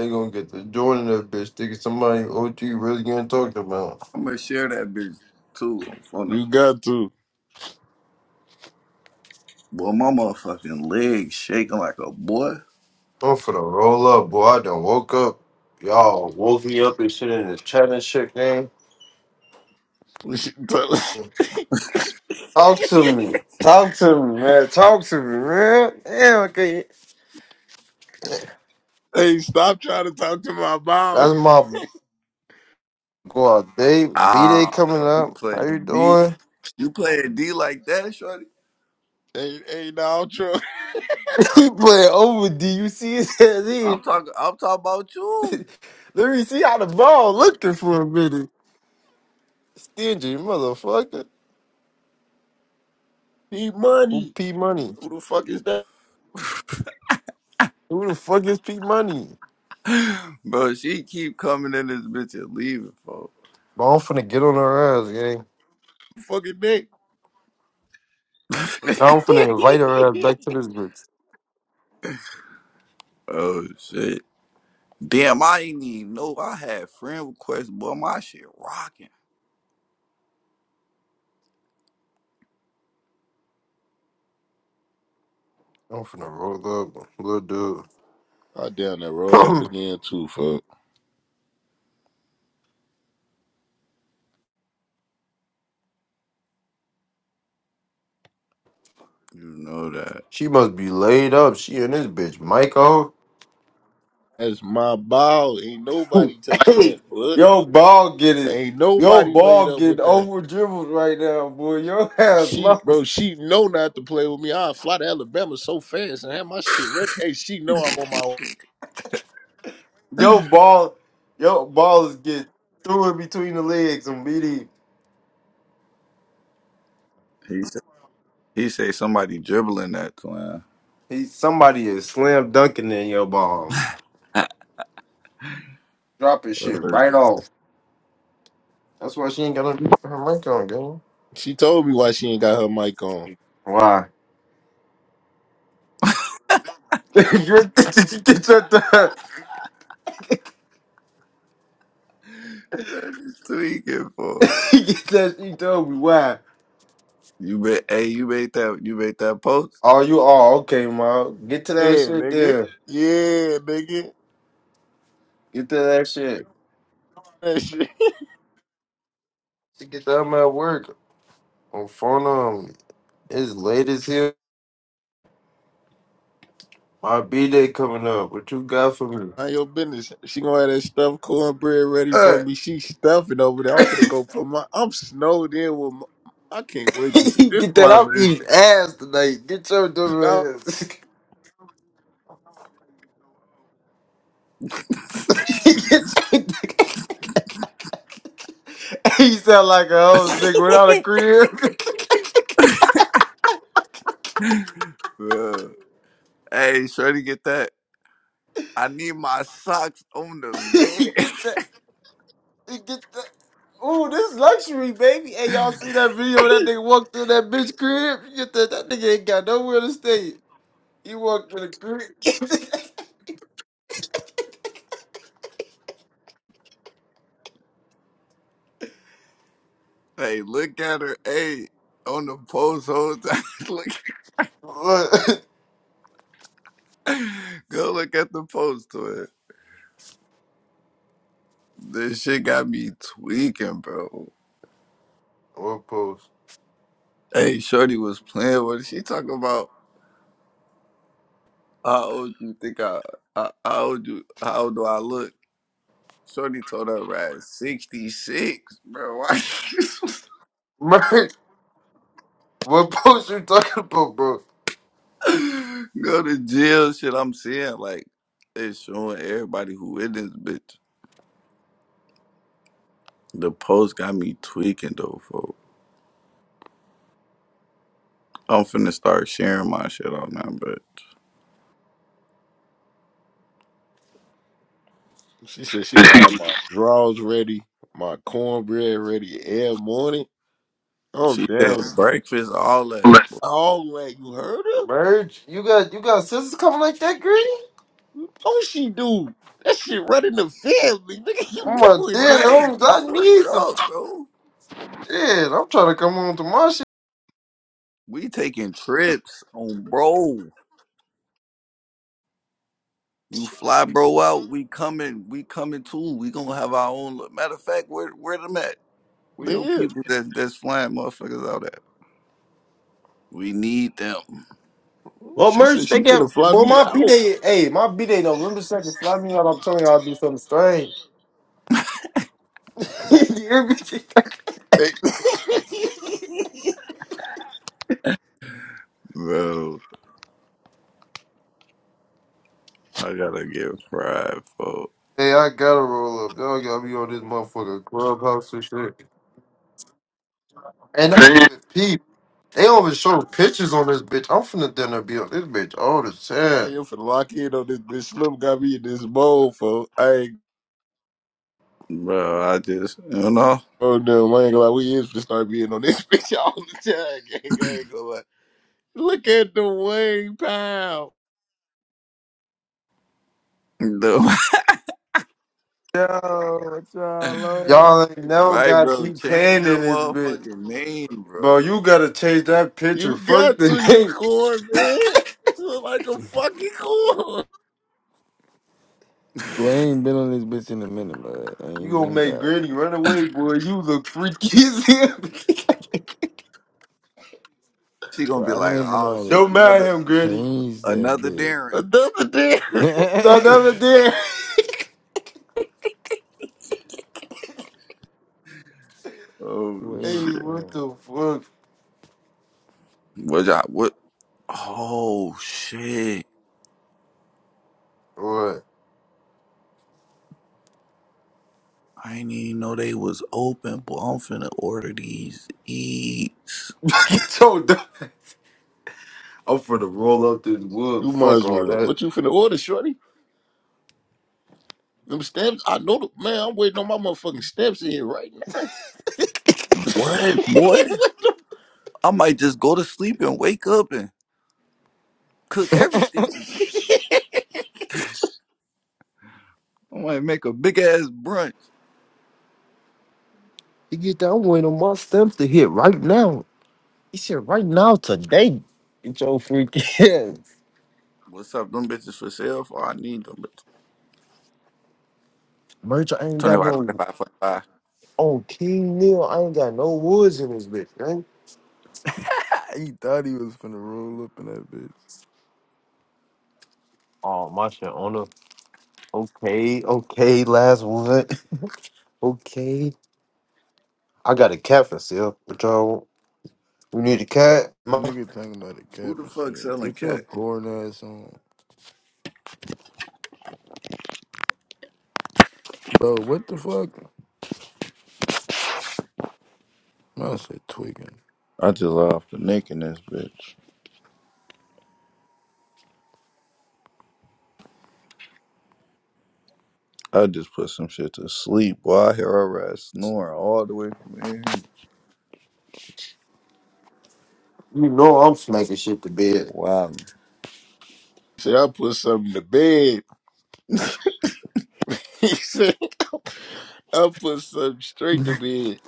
[SPEAKER 7] gonna get the joint in that bitch, thinking somebody OT really gonna talk about.
[SPEAKER 2] I'm gonna share that bitch too. On the,
[SPEAKER 1] You got to.
[SPEAKER 2] boy, my motherfucking legs shaking like a boy.
[SPEAKER 7] I'm for the roll up, boy. I done woke up. Y'all woke me up and shit in the chat and shit, gang.
[SPEAKER 1] We should tell-
[SPEAKER 7] Talk to me. Talk to me, man. Talk to me, man. Damn, okay.
[SPEAKER 1] hey, stop trying to talk to my mom.
[SPEAKER 7] That's my go out date. B Day
[SPEAKER 2] Ah,
[SPEAKER 7] coming
[SPEAKER 2] you
[SPEAKER 7] up. How you
[SPEAKER 2] playing D?
[SPEAKER 7] doing?
[SPEAKER 2] You playing D like that, shorty?
[SPEAKER 1] Hey, hey, no, i am
[SPEAKER 7] He playing over D. You see his head.
[SPEAKER 2] I'm talking. I'm talking about you,
[SPEAKER 7] Let me see how the ball looking for a minute. Stingy motherfucker.
[SPEAKER 1] Need
[SPEAKER 7] Who
[SPEAKER 1] money.
[SPEAKER 7] P Money?
[SPEAKER 1] Who the fuck is that
[SPEAKER 7] Who the fuck is P Money?
[SPEAKER 2] bro. She keep coming in this bitch and leaving, folks.
[SPEAKER 7] But I'm finna get on her ass, gang.
[SPEAKER 1] fucking Nick?
[SPEAKER 7] Now I'm finna invite her ass back to this bitch.
[SPEAKER 2] Oh shit! Damn, I ain't even know I had friend requests, boy. My shit rocking.
[SPEAKER 7] I'm finna roll up, little
[SPEAKER 1] I damn that roll up
[SPEAKER 7] dude.
[SPEAKER 1] again too, fuck.
[SPEAKER 2] You know that.
[SPEAKER 7] she must be laid up. She in this bitch, Michael.
[SPEAKER 1] That's my ball. Ain't nobody touching that
[SPEAKER 7] hey,
[SPEAKER 1] foot.
[SPEAKER 7] yo, ball get it.
[SPEAKER 1] Ain't
[SPEAKER 7] Yo,
[SPEAKER 1] nobody laid
[SPEAKER 7] ball
[SPEAKER 1] up
[SPEAKER 7] getting
[SPEAKER 1] with that.
[SPEAKER 7] over dribbled right now, boy. Your ass
[SPEAKER 1] She, bro,
[SPEAKER 7] lost.
[SPEAKER 1] she know not to play with me. I fly to Alabama so fast and have my shit ready. Hey, she know I'm on my. own.
[SPEAKER 7] Yo, ball. Yo, ball is getting threw in between the legs and BD.
[SPEAKER 2] He said, he say somebody dribbling that twin.
[SPEAKER 7] He somebody is slam dunking in your bomb, dropping shit
[SPEAKER 2] Uh,
[SPEAKER 7] right off. That's why she ain't gonna be for her mic on, girl.
[SPEAKER 1] She told me why she ain't got her mic on.
[SPEAKER 7] Why? You're- Did you get your th-
[SPEAKER 2] That is tweaking, folks.
[SPEAKER 7] get that? She told me why.
[SPEAKER 2] You made, hey, you made that, you made that post,
[SPEAKER 7] Oh, you all okay, ma? Get to that
[SPEAKER 1] Yeah,
[SPEAKER 7] shit
[SPEAKER 1] nigga.
[SPEAKER 7] there.
[SPEAKER 1] Yeah, nigga.
[SPEAKER 7] Get to that shit.
[SPEAKER 1] That shit.
[SPEAKER 7] To get that I'm at work on phone. Um, it's late as hell. My b day coming up. What you got for me?
[SPEAKER 1] Mind your business. She gonna have that stuffed cornbread ready
[SPEAKER 7] Uh,
[SPEAKER 1] for me. She stuffing over there. I'm gonna go put my. I'm snowed in with. My, I can't wait to see this.
[SPEAKER 7] get that
[SPEAKER 1] My
[SPEAKER 7] up
[SPEAKER 1] list
[SPEAKER 7] his ass tonight. Get your
[SPEAKER 1] now.
[SPEAKER 7] dumb ass. He Get your sound like a hoes nigga without a crib.
[SPEAKER 2] bro. Hey, Shorty, get that. I need my socks on the
[SPEAKER 7] He get
[SPEAKER 2] bed.
[SPEAKER 7] that. He get that. Ooh, this luxury, baby. Hey, y'all see that video? That nigga walked through that bitch crib. You Get that. That nigga ain't got nowhere to stay. He walked through the crib.
[SPEAKER 2] hey, look at her. Hey, on the post whole time. look,
[SPEAKER 7] what?
[SPEAKER 2] go look at the post to it. This shit got me tweaking, bro.
[SPEAKER 7] What post?
[SPEAKER 2] Hey, Shorty was playing. What is she talking about? How old you think I? I how old you? How old do I look? Shorty told her right sixty six, bro. Why?
[SPEAKER 7] Merch. What post you talking about, bro?
[SPEAKER 2] Go to jail shit. I'm saying like it's showing everybody who in this bitch. The post got me tweaking though, folks. I'm finna start sharing my shit on now, but
[SPEAKER 1] She said she gonna have my drawers ready, my cornbread ready every morning. I'm
[SPEAKER 2] she said
[SPEAKER 1] down.
[SPEAKER 2] breakfast, all that.
[SPEAKER 1] Oh, like you heard her?
[SPEAKER 7] Merch. You got you got sisters coming like that, Gritty?
[SPEAKER 1] Oh, she do. That shit running the family, nigga.
[SPEAKER 7] Oh
[SPEAKER 1] You
[SPEAKER 7] my
[SPEAKER 1] know it,
[SPEAKER 7] dead
[SPEAKER 1] dude.
[SPEAKER 2] Right,
[SPEAKER 7] homes. I
[SPEAKER 2] bro. What's
[SPEAKER 7] need some
[SPEAKER 2] up, bro?
[SPEAKER 7] shit. I'm trying to come home to my
[SPEAKER 2] We taking trips on bro. You fly bro out, we coming, we coming too. We gonna have our own li- matter of fact, where where them at? Where your
[SPEAKER 1] Yeah.
[SPEAKER 2] people that that's flying motherfuckers out at? We need them.
[SPEAKER 7] Well,
[SPEAKER 1] She said
[SPEAKER 7] merch, they
[SPEAKER 1] she
[SPEAKER 7] get.
[SPEAKER 1] finna fly
[SPEAKER 7] Well,
[SPEAKER 1] me
[SPEAKER 7] my B
[SPEAKER 1] out.
[SPEAKER 7] day. Hey, my B day. November second. Slap me out. I'm telling y'all, I'll do something strange. You hear me?
[SPEAKER 1] Hey,
[SPEAKER 2] Bro. I gotta get fried, folks.
[SPEAKER 7] hey, I gotta roll up. Y'all got me on this motherfucker clubhouse and shit. And I even peep. They don't even show pictures on this bitch. I'm finna dinner be on this bitch all the
[SPEAKER 1] I
[SPEAKER 7] time.
[SPEAKER 1] am finna lock in on this bitch. Slim got me in this bowl, folks. I ain't
[SPEAKER 2] Bro, I just, you know,
[SPEAKER 1] oh no, I ain't gonna lie. We is finna start being on this bitch all the time. Gang. I ain't gonna lie. Look at the Wayne Powell.
[SPEAKER 2] do
[SPEAKER 8] Yo, what y'all
[SPEAKER 7] Y'all
[SPEAKER 8] on?
[SPEAKER 7] ain't now
[SPEAKER 2] right,
[SPEAKER 7] got
[SPEAKER 2] bro.
[SPEAKER 7] me
[SPEAKER 2] Change
[SPEAKER 7] paying
[SPEAKER 2] your
[SPEAKER 7] in this bitch.
[SPEAKER 2] motherfucking name,
[SPEAKER 7] Bro,
[SPEAKER 2] bro.
[SPEAKER 7] you gotta change that picture.
[SPEAKER 1] You
[SPEAKER 7] Fuck
[SPEAKER 1] got
[SPEAKER 7] the
[SPEAKER 1] to, you
[SPEAKER 7] name.
[SPEAKER 1] corn, man. You look like a fucking corn.
[SPEAKER 8] But I ain't been on this bitch in a minute, but I
[SPEAKER 7] You
[SPEAKER 8] ain't
[SPEAKER 7] gonna
[SPEAKER 8] going
[SPEAKER 7] make
[SPEAKER 8] back.
[SPEAKER 7] Granny run away, boy. You look freaky as hell.
[SPEAKER 2] She
[SPEAKER 8] But
[SPEAKER 2] gonna be
[SPEAKER 8] I don't
[SPEAKER 2] like,
[SPEAKER 8] even know
[SPEAKER 2] oh
[SPEAKER 8] how
[SPEAKER 2] shit,
[SPEAKER 8] to
[SPEAKER 7] Don't mind
[SPEAKER 2] another,
[SPEAKER 7] him, Granny.
[SPEAKER 8] change that
[SPEAKER 2] another
[SPEAKER 8] bitch.
[SPEAKER 2] Darren.
[SPEAKER 1] Another day.
[SPEAKER 7] The other day.
[SPEAKER 2] Oh
[SPEAKER 8] Wait,
[SPEAKER 7] Hey,
[SPEAKER 2] shit.
[SPEAKER 7] what
[SPEAKER 8] son.
[SPEAKER 7] the fuck?
[SPEAKER 2] What y'all? What? Oh shit.
[SPEAKER 7] What?
[SPEAKER 2] I didn't even know they was open, but I'm finna order these eats.
[SPEAKER 7] Get your dumb- I'm finna roll up this wood.
[SPEAKER 1] you might
[SPEAKER 7] Fuck
[SPEAKER 1] as
[SPEAKER 7] all
[SPEAKER 1] well.
[SPEAKER 7] that.
[SPEAKER 1] What you finna order, shorty? Them stamps. I know the man. I'm waiting on my motherfucking stamps in here right now.
[SPEAKER 2] What? What? I might just go to sleep and wake up and cook everything. I might make a big ass brunch.
[SPEAKER 7] You get that? I'm waiting on my stamps to hit right now. He said right now today. Get your freaking ass.
[SPEAKER 2] What's up? Them bitches for sale? For I need them bitches.
[SPEAKER 7] Merch, I ain't got
[SPEAKER 2] 25,
[SPEAKER 7] no.
[SPEAKER 2] thirty-five, forty-five.
[SPEAKER 7] On King Neil, I ain't got no woods in this bitch, man.
[SPEAKER 8] He thought he was finna roll up in that bitch.
[SPEAKER 7] Oh, my shit on the. Okay, okay, last one. okay. I got a cat for sale. What y'all want? You need a cat? Ma-
[SPEAKER 8] Nigga talking about the
[SPEAKER 2] Who
[SPEAKER 8] cap
[SPEAKER 2] the
[SPEAKER 8] and
[SPEAKER 2] fuck
[SPEAKER 8] shit.
[SPEAKER 2] selling
[SPEAKER 8] Get your
[SPEAKER 2] cat?
[SPEAKER 8] corn ass on. Bro, what the fuck? I said tweaking.
[SPEAKER 2] I just off the neck in this bitch. I just put some shit to sleep. Boy, I hear her ass snoring all the way from here.
[SPEAKER 7] You know I'm smacking shit to bed.
[SPEAKER 2] Wow.
[SPEAKER 1] Say I put something to bed. He said. I put something straight to bed.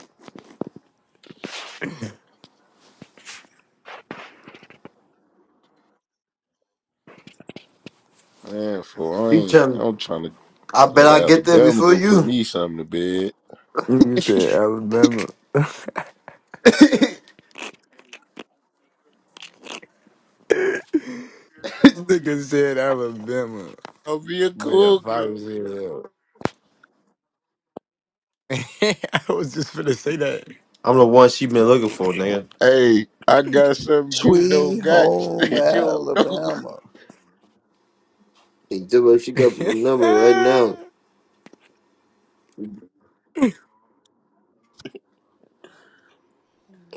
[SPEAKER 1] Man, for I
[SPEAKER 7] He
[SPEAKER 1] ain't
[SPEAKER 7] tell
[SPEAKER 1] I'm trying to
[SPEAKER 7] I bet
[SPEAKER 1] go to
[SPEAKER 7] I get there
[SPEAKER 1] Alabama,
[SPEAKER 7] before
[SPEAKER 1] go put
[SPEAKER 7] you.
[SPEAKER 1] me something to bed.
[SPEAKER 8] Nigga said Alabama. Nigga said Alabama.
[SPEAKER 1] I'll be a
[SPEAKER 8] But yeah, five
[SPEAKER 1] cougar.
[SPEAKER 8] was here. I was just finna say
[SPEAKER 7] I'm the one she been looking for, nigga.
[SPEAKER 1] Hey, I got something you don't
[SPEAKER 2] Sweet
[SPEAKER 1] got
[SPEAKER 2] home
[SPEAKER 1] that you don't know.
[SPEAKER 2] Alabama.
[SPEAKER 7] Hey, Dibbo, she got my number right
[SPEAKER 8] that.
[SPEAKER 7] now.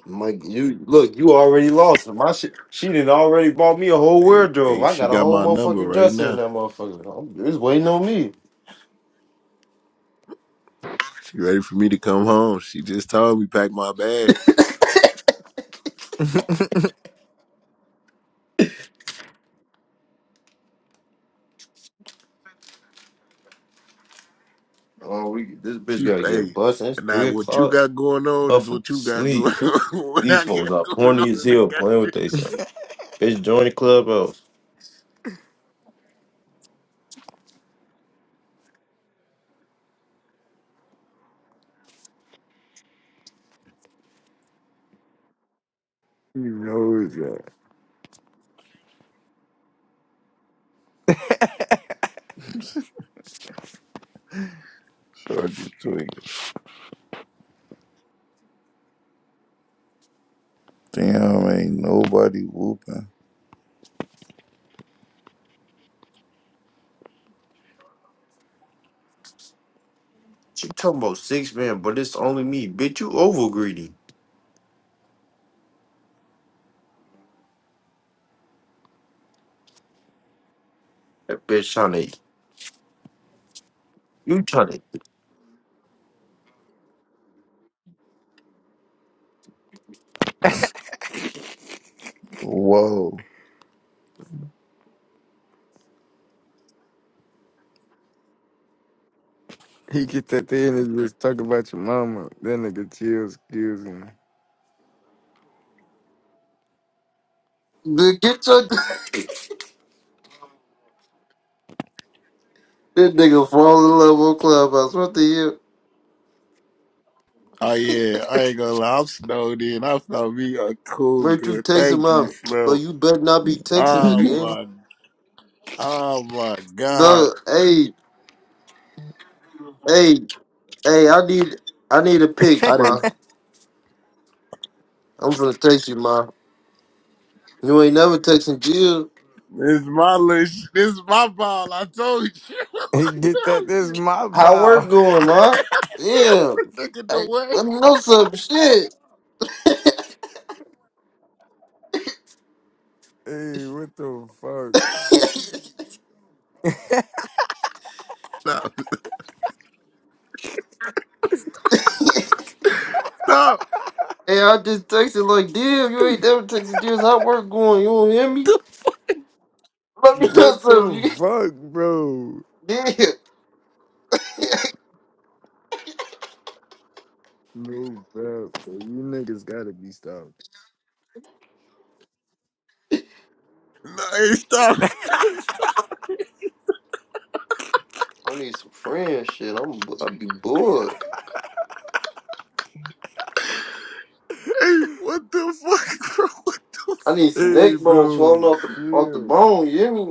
[SPEAKER 7] Mike, you look, you already lost. My shit, she done already bought me a whole
[SPEAKER 1] Hey,
[SPEAKER 7] wardrobe.
[SPEAKER 1] hey,
[SPEAKER 7] I
[SPEAKER 1] she
[SPEAKER 7] got a
[SPEAKER 1] got
[SPEAKER 7] whole
[SPEAKER 1] my number
[SPEAKER 7] motherfucking
[SPEAKER 1] right
[SPEAKER 7] dresser in
[SPEAKER 1] now.
[SPEAKER 7] that motherfucker. I'm, it's waiting on me.
[SPEAKER 1] She ready for me to come home. She just told me pack my bags.
[SPEAKER 7] Oh, we this bitch
[SPEAKER 1] She
[SPEAKER 7] gotta get
[SPEAKER 1] hey,
[SPEAKER 7] busted. It's
[SPEAKER 1] now
[SPEAKER 7] three
[SPEAKER 1] what you
[SPEAKER 7] o'clock.
[SPEAKER 1] got going on is what
[SPEAKER 7] Motherfucker
[SPEAKER 1] you got
[SPEAKER 7] sleep.
[SPEAKER 1] going on. what
[SPEAKER 7] These
[SPEAKER 1] I got
[SPEAKER 7] hoes are
[SPEAKER 1] going
[SPEAKER 7] horny
[SPEAKER 1] on,
[SPEAKER 7] as
[SPEAKER 1] and I
[SPEAKER 7] hell playing
[SPEAKER 1] got
[SPEAKER 7] with themselves. Bitch, join the clubhouse.
[SPEAKER 8] He knows that.
[SPEAKER 2] Sure just tweak. Damn, ain't nobody whooping.
[SPEAKER 7] She talking about six man, but it's only me. Bitch, you over greedy. That bitch trying to, you trying to.
[SPEAKER 2] Whoa.
[SPEAKER 8] He get that thing and just talk about your mama. That nigga chill, excuse me.
[SPEAKER 7] Dude, get your that nigga fall in love on Clubhouse. What the
[SPEAKER 1] Oh
[SPEAKER 7] hell?
[SPEAKER 1] yeah, I ain't gonna lie. I'm snowed in. I found me a cool
[SPEAKER 7] Merch, you
[SPEAKER 1] good.
[SPEAKER 7] text him
[SPEAKER 1] Thank you,
[SPEAKER 7] out, but
[SPEAKER 1] Slim.
[SPEAKER 7] you better not be texting her,
[SPEAKER 1] Oh
[SPEAKER 7] gang.
[SPEAKER 1] my, oh my God.
[SPEAKER 7] No, hey, hey, hey, I need, I need a pic,
[SPEAKER 1] I
[SPEAKER 7] ma.
[SPEAKER 1] just,
[SPEAKER 7] I'm finna text you, ma. You ain't never texting Jill.
[SPEAKER 1] this is my list. This is my ball. I told you.
[SPEAKER 8] He
[SPEAKER 1] I
[SPEAKER 8] get that
[SPEAKER 1] told
[SPEAKER 8] this
[SPEAKER 1] you.
[SPEAKER 8] my
[SPEAKER 7] How work
[SPEAKER 8] bow.
[SPEAKER 7] going, ma?
[SPEAKER 1] Tell
[SPEAKER 7] Yeah,
[SPEAKER 1] the nigga the
[SPEAKER 7] hey,
[SPEAKER 1] way.
[SPEAKER 7] let me know some shit.
[SPEAKER 8] Hey, what the fuck?
[SPEAKER 7] hey,
[SPEAKER 1] Stop! stop.
[SPEAKER 7] I just texted like, damn, you ain't never texting Jill. How work going? You don't hear me? Let me tell you
[SPEAKER 8] What
[SPEAKER 7] something. You
[SPEAKER 8] the
[SPEAKER 7] get-
[SPEAKER 8] fuck, bro?
[SPEAKER 7] Yeah.
[SPEAKER 8] No, bro. So you niggas gotta be stopped.
[SPEAKER 1] No, hey, stop. hey,
[SPEAKER 7] I need some friend shit. I'm I'll be bored.
[SPEAKER 1] what the fuck, bro?
[SPEAKER 7] I need some
[SPEAKER 8] Hey,
[SPEAKER 7] neck bones falling
[SPEAKER 8] bro,
[SPEAKER 7] off the off the
[SPEAKER 8] chill.
[SPEAKER 7] bone. You hear me?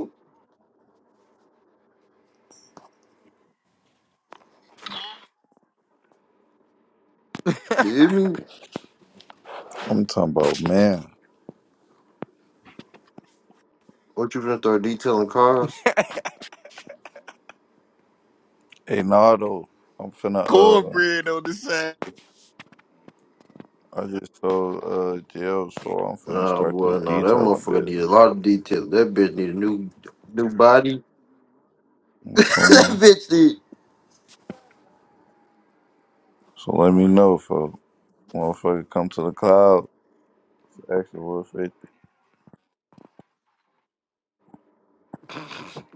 [SPEAKER 7] You hear me?
[SPEAKER 2] I'm talking about, man.
[SPEAKER 7] What you gonna start detailing cars?
[SPEAKER 2] Hey, Nardo, I'm finna, uh,
[SPEAKER 1] Cornbread on the side.
[SPEAKER 2] I just told uh jail, so I'm finna
[SPEAKER 7] Nah,
[SPEAKER 2] start this
[SPEAKER 7] boy, no, that
[SPEAKER 2] detailing
[SPEAKER 7] motherfucker need a
[SPEAKER 2] business,
[SPEAKER 7] lot of
[SPEAKER 2] folks.
[SPEAKER 7] detail. That bitch need a new new body.
[SPEAKER 2] I'm
[SPEAKER 7] that
[SPEAKER 2] finna-
[SPEAKER 7] bitch need.
[SPEAKER 2] So let me know, folks. Motherfucker, come to the cloud. Extra little fit.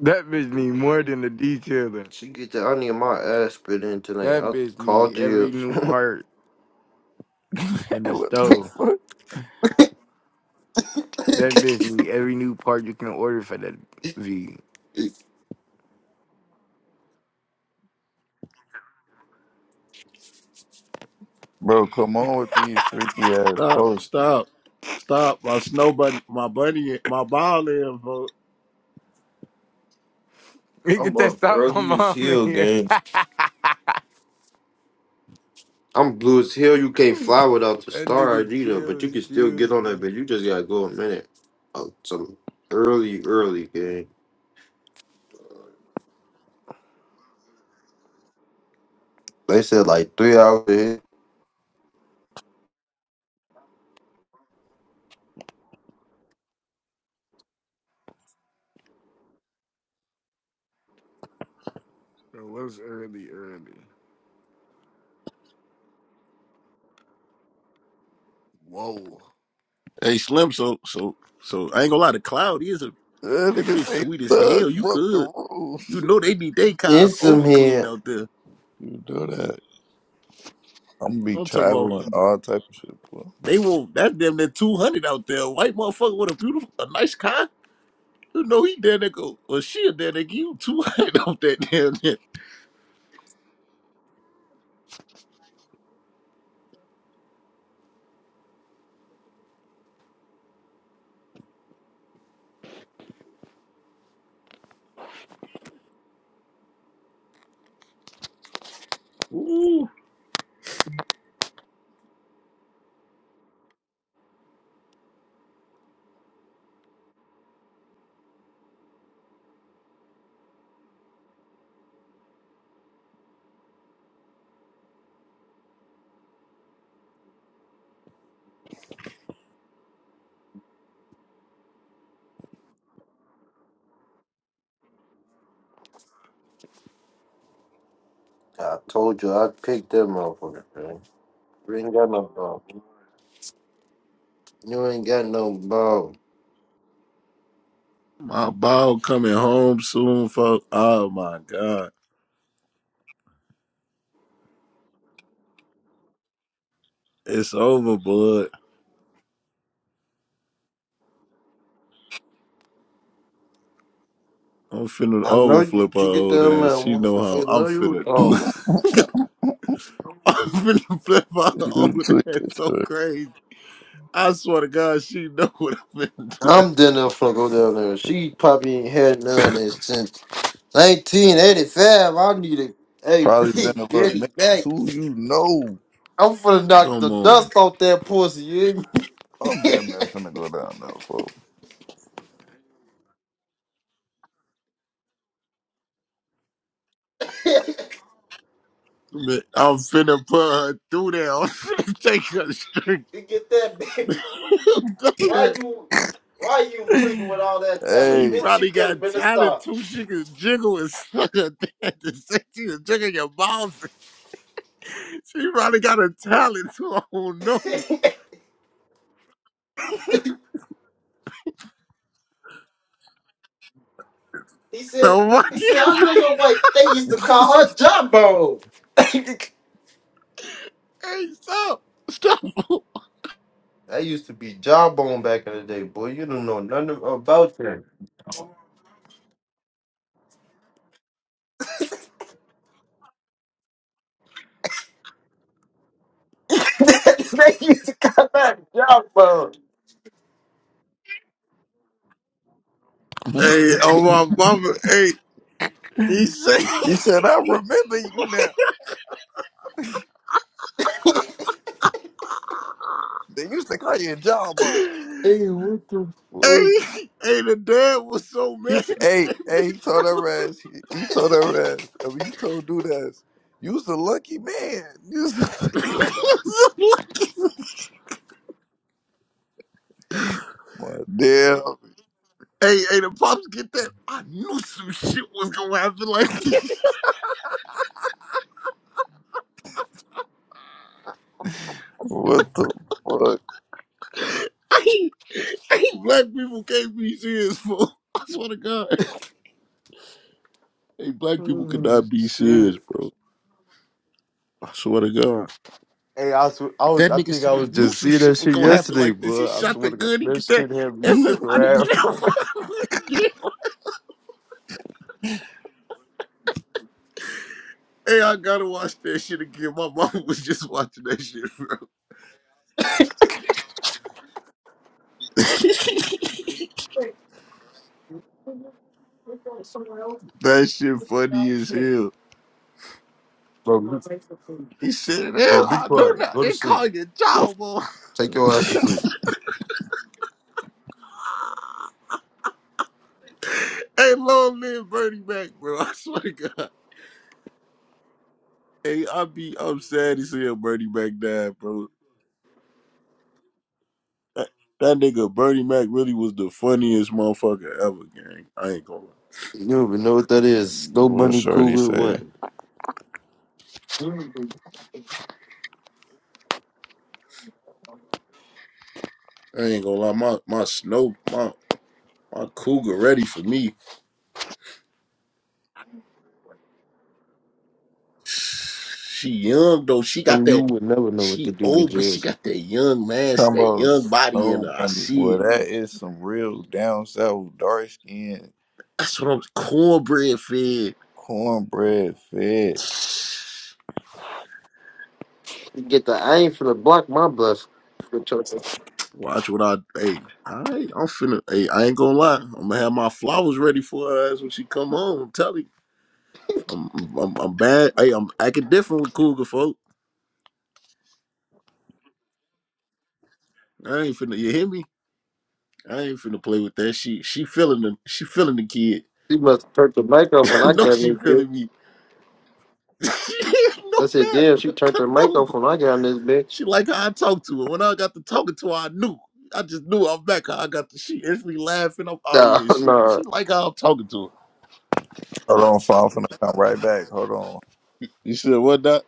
[SPEAKER 8] That bitch need more than the detailing.
[SPEAKER 7] She get that. I need my ass spit in tonight.
[SPEAKER 8] That
[SPEAKER 7] I
[SPEAKER 8] bitch
[SPEAKER 7] call
[SPEAKER 8] need every
[SPEAKER 7] Jibs.
[SPEAKER 8] new part in the
[SPEAKER 2] what the
[SPEAKER 8] stove.
[SPEAKER 2] fuck,
[SPEAKER 8] That bitch need every new part you can order for that V.
[SPEAKER 2] bro? Come on with these freaky ass
[SPEAKER 1] Stop,
[SPEAKER 2] posts, G.
[SPEAKER 1] stop, stop. My snow bunny, my bunny, my ball in, folks.
[SPEAKER 8] He
[SPEAKER 7] I'm
[SPEAKER 8] get that
[SPEAKER 7] up
[SPEAKER 8] stop my
[SPEAKER 7] early as
[SPEAKER 8] mom in
[SPEAKER 7] hell,
[SPEAKER 8] here.
[SPEAKER 7] gang. I'm blue as hell. You can't fly without the
[SPEAKER 8] That
[SPEAKER 7] star
[SPEAKER 8] nigga
[SPEAKER 7] ID though, but you
[SPEAKER 8] Jills
[SPEAKER 7] can still get
[SPEAKER 8] kills
[SPEAKER 7] on that.
[SPEAKER 8] me.
[SPEAKER 7] But you just gotta go a minute, uh, some early, early game. They said like three hours. ahead.
[SPEAKER 8] Bro, it was early, early? Whoa.
[SPEAKER 1] Hey Slim, so so so I ain't gonna lie, the cloud is a
[SPEAKER 2] That
[SPEAKER 1] that
[SPEAKER 2] nigga
[SPEAKER 1] bitch
[SPEAKER 2] say
[SPEAKER 1] sweet as
[SPEAKER 2] thug
[SPEAKER 1] hell. You
[SPEAKER 2] broke the
[SPEAKER 1] could. You
[SPEAKER 2] rules.
[SPEAKER 1] know they need they cars
[SPEAKER 7] It's some
[SPEAKER 1] over clean
[SPEAKER 7] here.
[SPEAKER 1] out there.
[SPEAKER 2] You do that. I'm gonna be
[SPEAKER 1] I'm talking about
[SPEAKER 2] traveling all type of shit, bro.
[SPEAKER 1] they want that damn near two hundred out there. White motherfucker with a beautiful a nice car. You know he damn near go or she a damn near give you two hundred off that damn near. Ooh.
[SPEAKER 7] I told you I picked that motherfucker. Man. You ain't got no ball. You ain't got no ball.
[SPEAKER 1] My ball coming home soon, folks. Oh my god. It's over, bud. I'm finna
[SPEAKER 7] I know you,
[SPEAKER 1] overflip her
[SPEAKER 7] you get
[SPEAKER 1] old
[SPEAKER 7] down man.
[SPEAKER 1] ass. She know
[SPEAKER 7] I
[SPEAKER 1] how I'm
[SPEAKER 7] know you.
[SPEAKER 1] finna do
[SPEAKER 7] Oh,
[SPEAKER 1] I'm finna flip out
[SPEAKER 2] you
[SPEAKER 1] over
[SPEAKER 2] took
[SPEAKER 1] that
[SPEAKER 2] this
[SPEAKER 1] so
[SPEAKER 2] shit.
[SPEAKER 1] crazy. I swear to God, she know what I'm finna do. That.
[SPEAKER 7] I'm down there finna go down there. She probably ain't had none of this since 1985. I need a hey
[SPEAKER 2] Probably been
[SPEAKER 7] big
[SPEAKER 2] a little
[SPEAKER 7] Getty
[SPEAKER 2] minute
[SPEAKER 7] back.
[SPEAKER 2] too. You know,
[SPEAKER 7] I'm finna knock the
[SPEAKER 1] Come on.
[SPEAKER 7] dust off that pussy. You hear
[SPEAKER 2] I'm
[SPEAKER 7] me?
[SPEAKER 2] damn near finna go down there, folks.
[SPEAKER 1] Man, I'm finna put her through there. I'm finna take her straight
[SPEAKER 7] You get that, baby.
[SPEAKER 1] through
[SPEAKER 7] Why
[SPEAKER 1] there.
[SPEAKER 7] you, why you tweaking with all that
[SPEAKER 1] She
[SPEAKER 7] talent,
[SPEAKER 2] Hey,
[SPEAKER 7] bitch? You
[SPEAKER 1] probably
[SPEAKER 7] could have
[SPEAKER 1] got
[SPEAKER 7] been a
[SPEAKER 1] talent
[SPEAKER 7] star.
[SPEAKER 1] too. She can jiggle and suck her thing at the same She can jiggle your balls. She probably got a talent too. I don't know.
[SPEAKER 7] He said,
[SPEAKER 1] So what?
[SPEAKER 7] he said, I know your wife. They used to call her Jawbone. that
[SPEAKER 1] Hey, stop. Stop.
[SPEAKER 7] used to be Jawbone back in the day, boy. You don't know nothing about that. they used to call that Jawbone.
[SPEAKER 1] Hey, oh my mama. Hey, he
[SPEAKER 2] he
[SPEAKER 1] said.
[SPEAKER 2] said, I remember you now. They used to call you Jawbone.
[SPEAKER 7] Hey, what the fuck?
[SPEAKER 1] Hey, hey, the dad was so
[SPEAKER 2] He
[SPEAKER 1] mad
[SPEAKER 2] said,
[SPEAKER 1] in
[SPEAKER 2] hey, hey, he told
[SPEAKER 1] that
[SPEAKER 2] her ass, he, he told her ass, I mean, he told dude ass, you's the lucky man. You was a
[SPEAKER 1] bitch.
[SPEAKER 2] lucky man. My damn,
[SPEAKER 1] hey, hey, the pops get that. I knew some shit was gonna happen like that.
[SPEAKER 2] what the fuck?
[SPEAKER 1] Hey, hey, black people can't be serious, bro. I swear to God. Hey, black people
[SPEAKER 7] Oh,
[SPEAKER 1] cannot be
[SPEAKER 7] shit.
[SPEAKER 1] serious, bro. I swear to God.
[SPEAKER 7] Hey, I was, I was,
[SPEAKER 1] That
[SPEAKER 7] I
[SPEAKER 1] nigga
[SPEAKER 7] think I
[SPEAKER 1] said I
[SPEAKER 7] was
[SPEAKER 1] knew
[SPEAKER 7] just
[SPEAKER 1] some
[SPEAKER 7] seeing
[SPEAKER 1] shit
[SPEAKER 7] that
[SPEAKER 1] was
[SPEAKER 7] shit
[SPEAKER 1] gonna happen
[SPEAKER 7] yesterday,
[SPEAKER 1] like this. He
[SPEAKER 7] but I
[SPEAKER 1] shot the
[SPEAKER 7] swear to God,
[SPEAKER 1] gun, he
[SPEAKER 7] that
[SPEAKER 1] get that
[SPEAKER 7] shit had me
[SPEAKER 1] everybody
[SPEAKER 7] crap.
[SPEAKER 1] get out. Hey, I gotta watch that shit again. My mama was just watching that shit, bro. That shit funny as hell.
[SPEAKER 7] bro, be,
[SPEAKER 1] He said,
[SPEAKER 7] bro,
[SPEAKER 1] "Hell,
[SPEAKER 7] be
[SPEAKER 1] I know
[SPEAKER 7] quiet.
[SPEAKER 1] not.
[SPEAKER 7] Go to
[SPEAKER 1] They call
[SPEAKER 7] sleep.
[SPEAKER 1] you Jawbo.
[SPEAKER 7] Take your ass to sleep.
[SPEAKER 1] hey, long live Bernie Mac, bro. I swear to God. Hey, I be I'm sad as hell. Bernie Mac died, bro. That, that nigga Bernie Mac really was the funniest motherfucker ever, gang. I ain't gonna lie.
[SPEAKER 7] You don't even know what that is. Snow
[SPEAKER 2] What
[SPEAKER 7] bunny
[SPEAKER 2] Shorty
[SPEAKER 7] cougar, what?
[SPEAKER 2] say?
[SPEAKER 1] I ain't gonna lie. My my snow, my my cougar ready for me. She young though. She got
[SPEAKER 7] Some you
[SPEAKER 1] that.
[SPEAKER 7] would never know what to
[SPEAKER 1] She
[SPEAKER 7] do with
[SPEAKER 1] old, but she
[SPEAKER 7] Jules.
[SPEAKER 1] got that young man, that young
[SPEAKER 2] Combos.
[SPEAKER 1] body in
[SPEAKER 2] No
[SPEAKER 1] her. I
[SPEAKER 2] bunny
[SPEAKER 1] see
[SPEAKER 2] boy.
[SPEAKER 1] it.
[SPEAKER 2] That is some real down south dark skin
[SPEAKER 1] That's what I'm cornbread fed.
[SPEAKER 2] cornbread fed.
[SPEAKER 7] You get the I ain't finna block my bus. But She
[SPEAKER 1] Watch what I hey, all right, I'm finna hey, I ain't gonna lie. I'm gonna have my flowers ready for her ass when she come home. I'm telling you. I'm I'm I'm bad. Hey, I'm acting different with Cougar folk. I ain't finna you hear me? I ain't finna play with that. She she feeling the she feeling the kid.
[SPEAKER 7] must have turned the mic off when
[SPEAKER 1] I
[SPEAKER 7] I
[SPEAKER 1] know
[SPEAKER 7] got in
[SPEAKER 1] she
[SPEAKER 7] this bitch.
[SPEAKER 1] feeling me.
[SPEAKER 7] I
[SPEAKER 1] no
[SPEAKER 7] said,
[SPEAKER 1] bad.
[SPEAKER 7] damn, she turned
[SPEAKER 1] I
[SPEAKER 7] her mic
[SPEAKER 1] know.
[SPEAKER 7] off when I got in this bitch.
[SPEAKER 1] She like how I talk to her. When I got to talking to her, I knew. I just knew I'm back. I got the she instantly laughing. I'm oh
[SPEAKER 7] Nah,
[SPEAKER 1] yeah, she
[SPEAKER 7] nah,
[SPEAKER 1] she like how I'm talking to her.
[SPEAKER 2] Hold on, fam, I'm finna come right back. Hold on.
[SPEAKER 1] You said what not?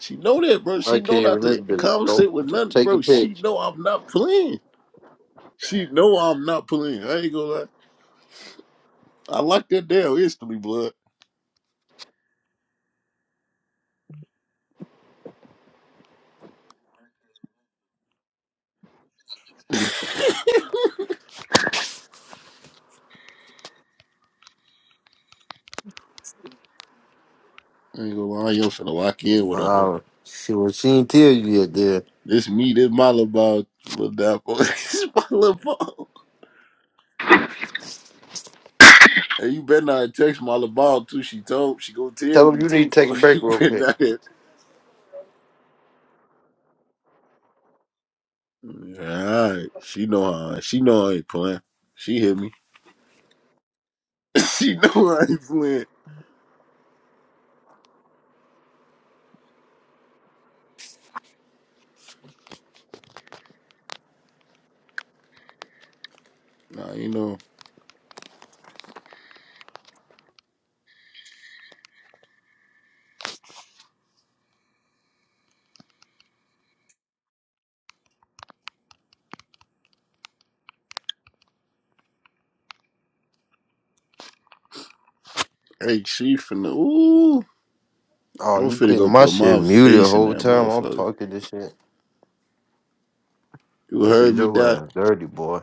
[SPEAKER 1] She know that, bro. She
[SPEAKER 7] I
[SPEAKER 1] know
[SPEAKER 7] can't
[SPEAKER 1] not
[SPEAKER 7] even this
[SPEAKER 1] to
[SPEAKER 7] bitch. Don't
[SPEAKER 1] conversate with
[SPEAKER 7] t-
[SPEAKER 1] nothing,
[SPEAKER 7] take a
[SPEAKER 1] bro. She
[SPEAKER 7] pitch.
[SPEAKER 1] know I'm not playing. She know I'm not playing. I ain't gonna lie. I like that damn instantly, blood. I ain't gonna lie, I ain't finna lock in with her though.
[SPEAKER 7] Nah, she was she ain't tell you yet, there.
[SPEAKER 1] This me, this my little ball, little dapper. this my little ball. And you better not text my LeBron too. She told she gonna
[SPEAKER 7] Tell
[SPEAKER 1] tell
[SPEAKER 7] him
[SPEAKER 1] me
[SPEAKER 7] you
[SPEAKER 1] too.
[SPEAKER 7] need to take
[SPEAKER 1] For
[SPEAKER 7] a break
[SPEAKER 1] you
[SPEAKER 7] real quick.
[SPEAKER 1] better not. Yeah, all right. She know I she know I ain't playing. She hit me. she know I ain't playing. Nah, you know. Hey, she finna ooh.
[SPEAKER 7] Oh,
[SPEAKER 1] I'm
[SPEAKER 7] you
[SPEAKER 1] finna
[SPEAKER 7] keep
[SPEAKER 1] go
[SPEAKER 7] my
[SPEAKER 1] put
[SPEAKER 7] shit
[SPEAKER 1] my
[SPEAKER 7] muted the
[SPEAKER 1] face in
[SPEAKER 7] whole
[SPEAKER 1] that
[SPEAKER 7] time. I'm
[SPEAKER 1] motherfucker.
[SPEAKER 7] talking this shit.
[SPEAKER 1] You
[SPEAKER 7] I said,
[SPEAKER 1] heard me,
[SPEAKER 7] yo
[SPEAKER 1] Doc?
[SPEAKER 7] ass dirty boy.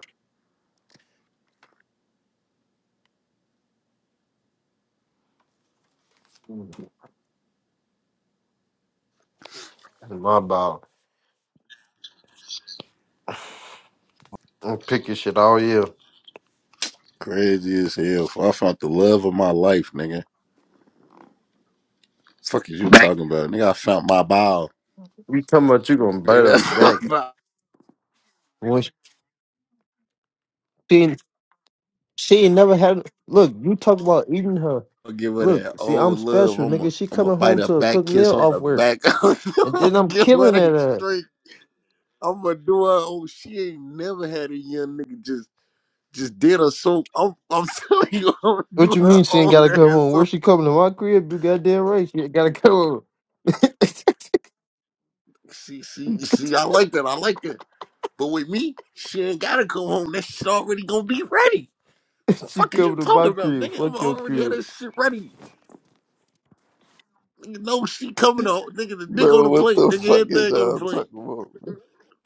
[SPEAKER 7] That's my about. I'm picking shit all year.
[SPEAKER 1] Crazy as hell. I found the love of my life, nigga. Fuck is you talking about? Nigga, I found my bow.
[SPEAKER 7] You talking about you gonna bite
[SPEAKER 1] Nigga,
[SPEAKER 7] her
[SPEAKER 1] that's my
[SPEAKER 7] back?
[SPEAKER 1] bow.
[SPEAKER 7] When she ain't- she ain't never had. Look, you talk about eating her.
[SPEAKER 1] I'll give her that
[SPEAKER 7] Look, see, I'm
[SPEAKER 1] old love.
[SPEAKER 7] special,
[SPEAKER 1] I'm a
[SPEAKER 7] nigga. She
[SPEAKER 1] I'm a
[SPEAKER 7] coming
[SPEAKER 1] bite
[SPEAKER 7] home
[SPEAKER 1] her
[SPEAKER 7] to a
[SPEAKER 1] back,
[SPEAKER 7] cooked meal
[SPEAKER 1] kiss on
[SPEAKER 7] off
[SPEAKER 1] her
[SPEAKER 7] work,
[SPEAKER 1] back.
[SPEAKER 7] and
[SPEAKER 1] I'll
[SPEAKER 7] then I'm
[SPEAKER 1] give her
[SPEAKER 7] killing at
[SPEAKER 1] that
[SPEAKER 7] her.
[SPEAKER 1] straight. I'm gonna do her. Oh, she ain't never had a young nigga just just did her so. I'm, I'm telling you, I'm gonna
[SPEAKER 7] What
[SPEAKER 1] do
[SPEAKER 7] you
[SPEAKER 1] her
[SPEAKER 7] mean she ain't
[SPEAKER 1] own
[SPEAKER 7] gotta come
[SPEAKER 1] ass.
[SPEAKER 7] home? Where
[SPEAKER 1] So
[SPEAKER 7] she coming to my crib? You goddamn right. She ain't gotta come home.
[SPEAKER 1] she, she, she. I like that. I like that. But with me, she ain't gotta come home. That shit already gonna be ready.
[SPEAKER 7] she
[SPEAKER 1] Fuck is
[SPEAKER 7] coming
[SPEAKER 1] you
[SPEAKER 7] to my
[SPEAKER 1] talking about,
[SPEAKER 7] crib.
[SPEAKER 1] nigga? I'm
[SPEAKER 7] Fuck your
[SPEAKER 1] already had
[SPEAKER 7] crib.
[SPEAKER 1] that shit ready. Nigga, no, she coming out. Nigga, the dick on
[SPEAKER 2] Bro,
[SPEAKER 1] the
[SPEAKER 2] what
[SPEAKER 1] plate.
[SPEAKER 2] the
[SPEAKER 1] Nigga,
[SPEAKER 2] fuck is
[SPEAKER 1] everything on the
[SPEAKER 2] y'all
[SPEAKER 1] plate.
[SPEAKER 2] talking about?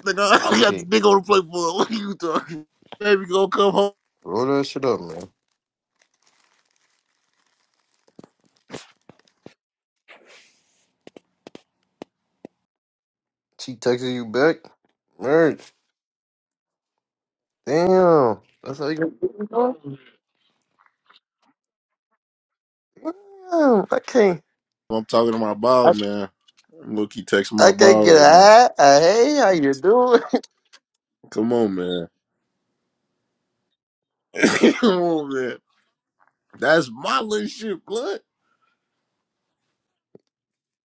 [SPEAKER 1] Nigga,
[SPEAKER 7] I
[SPEAKER 1] I got the
[SPEAKER 7] can't.
[SPEAKER 1] dick on the plate for her. What are you talking? Baby, gonna come home.
[SPEAKER 7] Roll that shit up, man. She texting you back? Merch. Damn. That's how you gonna do it, dog? Damn. I can't.
[SPEAKER 1] I'm talking to my
[SPEAKER 7] I,
[SPEAKER 1] Bob, man. Look, he texting
[SPEAKER 7] I
[SPEAKER 1] my
[SPEAKER 7] can't
[SPEAKER 1] Bob
[SPEAKER 7] get a
[SPEAKER 1] right now.
[SPEAKER 7] hi, a hey, how you doing?
[SPEAKER 1] Come on, man. Come on, man. That's my little shit, blood.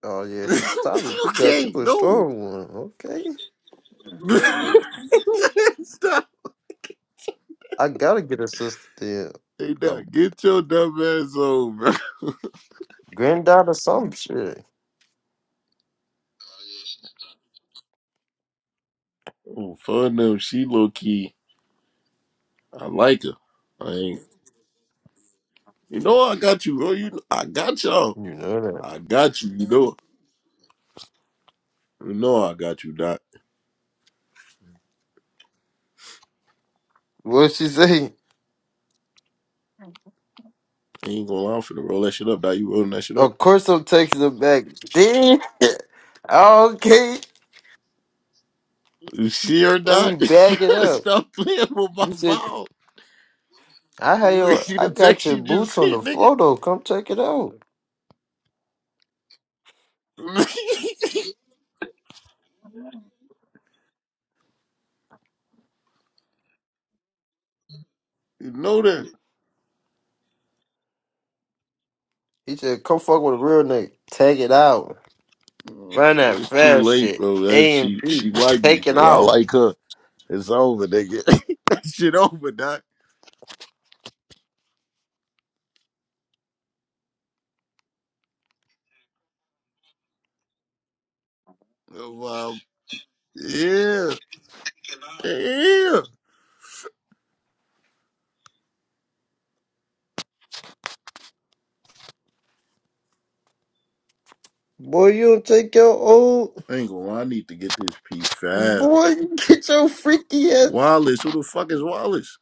[SPEAKER 7] Oh yeah, she's stopping.
[SPEAKER 1] you
[SPEAKER 7] You got you
[SPEAKER 1] can't
[SPEAKER 7] a
[SPEAKER 1] no.
[SPEAKER 7] strong one. Okay.
[SPEAKER 1] Stop.
[SPEAKER 7] I gotta get a sister then.
[SPEAKER 1] Hey, now,
[SPEAKER 7] I'm
[SPEAKER 1] get your dumb ass on, bro.
[SPEAKER 7] granddaughter some shit.
[SPEAKER 1] Oh, fun though. She low key. I like her. I ain't. You know I got you, bro. You, I got y'all.
[SPEAKER 7] You know that.
[SPEAKER 1] I got you. You know. You know I got you, Doc.
[SPEAKER 7] What she say?
[SPEAKER 1] I ain't gonna lie. I'm finna roll that shit up, Doc. You rolling that shit up?
[SPEAKER 7] Of course I'm taking it back. Damn. Okay.
[SPEAKER 1] You see her,
[SPEAKER 7] Let me
[SPEAKER 1] Doc? You
[SPEAKER 7] back it
[SPEAKER 1] gotta
[SPEAKER 7] up.
[SPEAKER 1] Stop playing with my
[SPEAKER 7] You said
[SPEAKER 1] ball.
[SPEAKER 7] I had
[SPEAKER 1] You ain't
[SPEAKER 7] your
[SPEAKER 1] see
[SPEAKER 7] I
[SPEAKER 1] the
[SPEAKER 7] got
[SPEAKER 1] text
[SPEAKER 7] your
[SPEAKER 1] you
[SPEAKER 7] boots
[SPEAKER 1] just
[SPEAKER 7] on the
[SPEAKER 1] sent, nigga.
[SPEAKER 7] floor though. Come check it out.
[SPEAKER 1] you know that.
[SPEAKER 7] He said, come fuck with a real nigga. Take it out. Run that
[SPEAKER 1] It's too
[SPEAKER 7] fast
[SPEAKER 1] late,
[SPEAKER 7] shit.
[SPEAKER 1] bro. That
[SPEAKER 7] A and
[SPEAKER 1] she
[SPEAKER 7] B.
[SPEAKER 1] she like me,
[SPEAKER 7] Take it
[SPEAKER 1] bro. I
[SPEAKER 7] out.
[SPEAKER 1] like her. It's over, nigga. that shit over, doc. Oh, Wow. Yeah. Yeah.
[SPEAKER 7] Boy, you don't take your old
[SPEAKER 1] I ain't gonna lie, I need to get this P5.
[SPEAKER 7] boy, get your freaky ass.
[SPEAKER 1] Wallace, who the fuck is Wallace?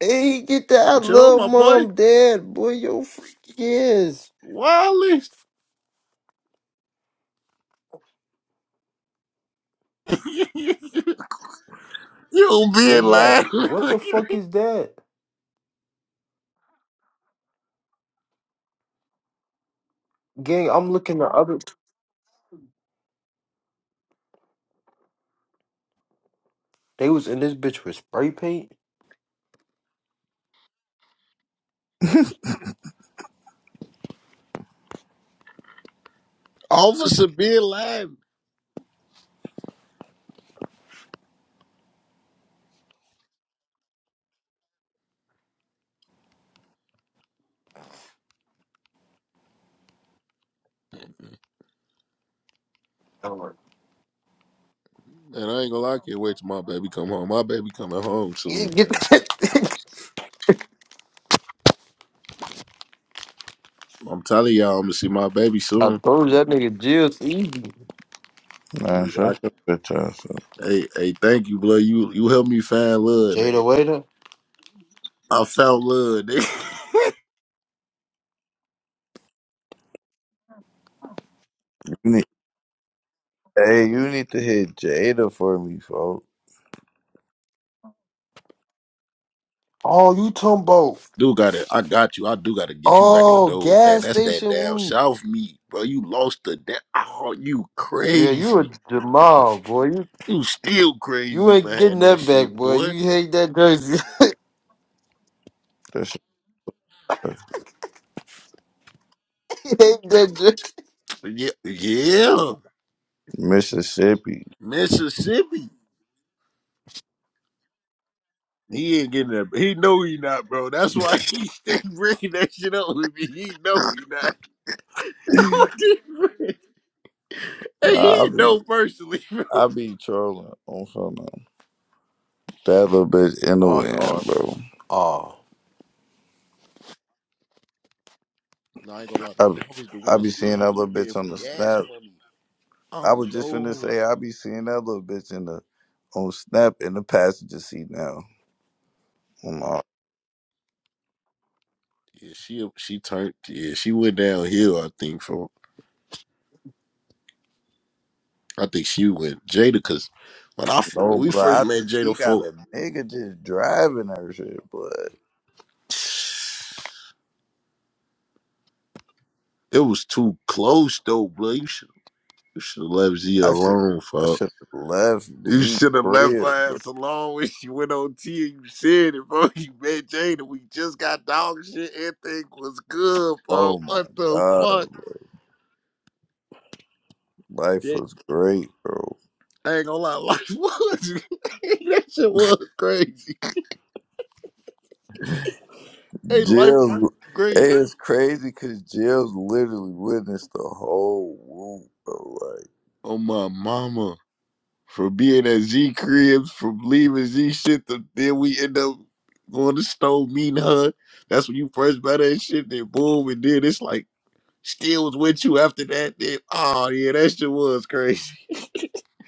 [SPEAKER 7] Hey, get that I
[SPEAKER 1] But you know
[SPEAKER 7] love
[SPEAKER 1] my boy?
[SPEAKER 7] mom, dad. Boy, your freaky ass.
[SPEAKER 1] Wallace. you
[SPEAKER 7] They
[SPEAKER 1] being
[SPEAKER 7] had
[SPEAKER 1] live.
[SPEAKER 7] what the fuck is that? Gang, I'm looking at other. They was in this bitch with spray paint.
[SPEAKER 1] Officer being live.
[SPEAKER 7] I'm like,
[SPEAKER 1] And I ain't gonna lie, I can't wait till my baby come home. My baby coming home
[SPEAKER 7] "Yeah,
[SPEAKER 1] soon,
[SPEAKER 7] get
[SPEAKER 1] man.
[SPEAKER 7] that.
[SPEAKER 1] I'm telling y'all, I'm gonna see my baby
[SPEAKER 7] I
[SPEAKER 1] soon.
[SPEAKER 7] told that nigga Jill's easy.
[SPEAKER 2] Man, shut your bitch ass up.
[SPEAKER 1] Hey, hey, thank you, blood. You you helped me find love,
[SPEAKER 7] Jada
[SPEAKER 1] nigga.
[SPEAKER 7] Waiter.
[SPEAKER 1] I found love, nigga.
[SPEAKER 2] You need, hey, you need to hit Jada for me, folks.
[SPEAKER 7] Oh, you talking about?
[SPEAKER 1] Do got it. I got you. I do got to get you back in the
[SPEAKER 7] Oh,
[SPEAKER 1] door with that.
[SPEAKER 7] gas
[SPEAKER 1] That's that
[SPEAKER 7] station
[SPEAKER 1] damn
[SPEAKER 7] whoop.
[SPEAKER 1] South meat, bro. You lost the damn. Oh, you
[SPEAKER 7] Yeah, you a
[SPEAKER 1] crazy.
[SPEAKER 7] Jamal boy. You
[SPEAKER 1] You still
[SPEAKER 7] you
[SPEAKER 1] crazy
[SPEAKER 7] ain't getting
[SPEAKER 1] behind that
[SPEAKER 7] that back,
[SPEAKER 1] shit,
[SPEAKER 7] boy.
[SPEAKER 1] boy.
[SPEAKER 7] You hate that jersey. you hate that jersey.
[SPEAKER 1] Yeah, yeah.
[SPEAKER 2] Mississippi.
[SPEAKER 1] Mississippi. He ain't getting that. He know he not, bro. That's why he stay bringing that shit up with me. He know he not. I'm gonna keep Hey,
[SPEAKER 2] Nah, I
[SPEAKER 1] he
[SPEAKER 2] be
[SPEAKER 1] know personally, bro.
[SPEAKER 2] I be trolling on phone. That little bitch in the
[SPEAKER 7] Oh,
[SPEAKER 2] wind,
[SPEAKER 7] oh,
[SPEAKER 2] bro.
[SPEAKER 7] oh.
[SPEAKER 1] No, I ain't gonna lie
[SPEAKER 2] I
[SPEAKER 1] though.
[SPEAKER 2] be,
[SPEAKER 1] That was the
[SPEAKER 2] I
[SPEAKER 1] one
[SPEAKER 2] be
[SPEAKER 1] she
[SPEAKER 2] seeing
[SPEAKER 1] ain't
[SPEAKER 2] that
[SPEAKER 1] had you
[SPEAKER 2] little
[SPEAKER 1] paying
[SPEAKER 2] bitch
[SPEAKER 1] for
[SPEAKER 2] on the
[SPEAKER 1] gas
[SPEAKER 2] snap.
[SPEAKER 1] money.
[SPEAKER 2] I was
[SPEAKER 1] Um,
[SPEAKER 2] just finna
[SPEAKER 1] no.
[SPEAKER 2] say I be seeing that little bitch in the on snap in the passenger seat now. I'm all,
[SPEAKER 1] Yeah, she she turned. Yeah, she went downhill. I think from. I think she went Jada because when I f- when
[SPEAKER 2] no
[SPEAKER 1] we first
[SPEAKER 2] blood. I
[SPEAKER 1] met
[SPEAKER 2] think
[SPEAKER 1] Jada,
[SPEAKER 2] she got
[SPEAKER 1] folk,
[SPEAKER 2] a nigga just driving her shit, But
[SPEAKER 1] it was too close though, bro. You should you should have left Z
[SPEAKER 2] I should
[SPEAKER 1] alone,
[SPEAKER 2] I
[SPEAKER 1] fuck.
[SPEAKER 2] should have left
[SPEAKER 1] You
[SPEAKER 2] Z
[SPEAKER 1] should have left
[SPEAKER 2] crib,
[SPEAKER 1] her
[SPEAKER 2] bro.
[SPEAKER 1] ass alone when she went on T and you said it, bro. You met Jada. We just got dog shit. Everything was good, bro.
[SPEAKER 2] Oh my
[SPEAKER 1] What the
[SPEAKER 2] god,
[SPEAKER 1] fuck?
[SPEAKER 2] bro. life was great, bro.
[SPEAKER 1] I ain't gonna lie, life was that shit was crazy. Hey, life was
[SPEAKER 2] Jill's
[SPEAKER 1] great.
[SPEAKER 2] hey, it's crazy because Jill's literally witnessed the whole whoop. Bro. Like
[SPEAKER 1] Oh my mama, from being at Z cribs, from leaving Z shit, to, then we end up going to stove meeting her. That's when you first met her and shit. Then boom, and then it's like still was with you after that. Then oh yeah, that shit was crazy.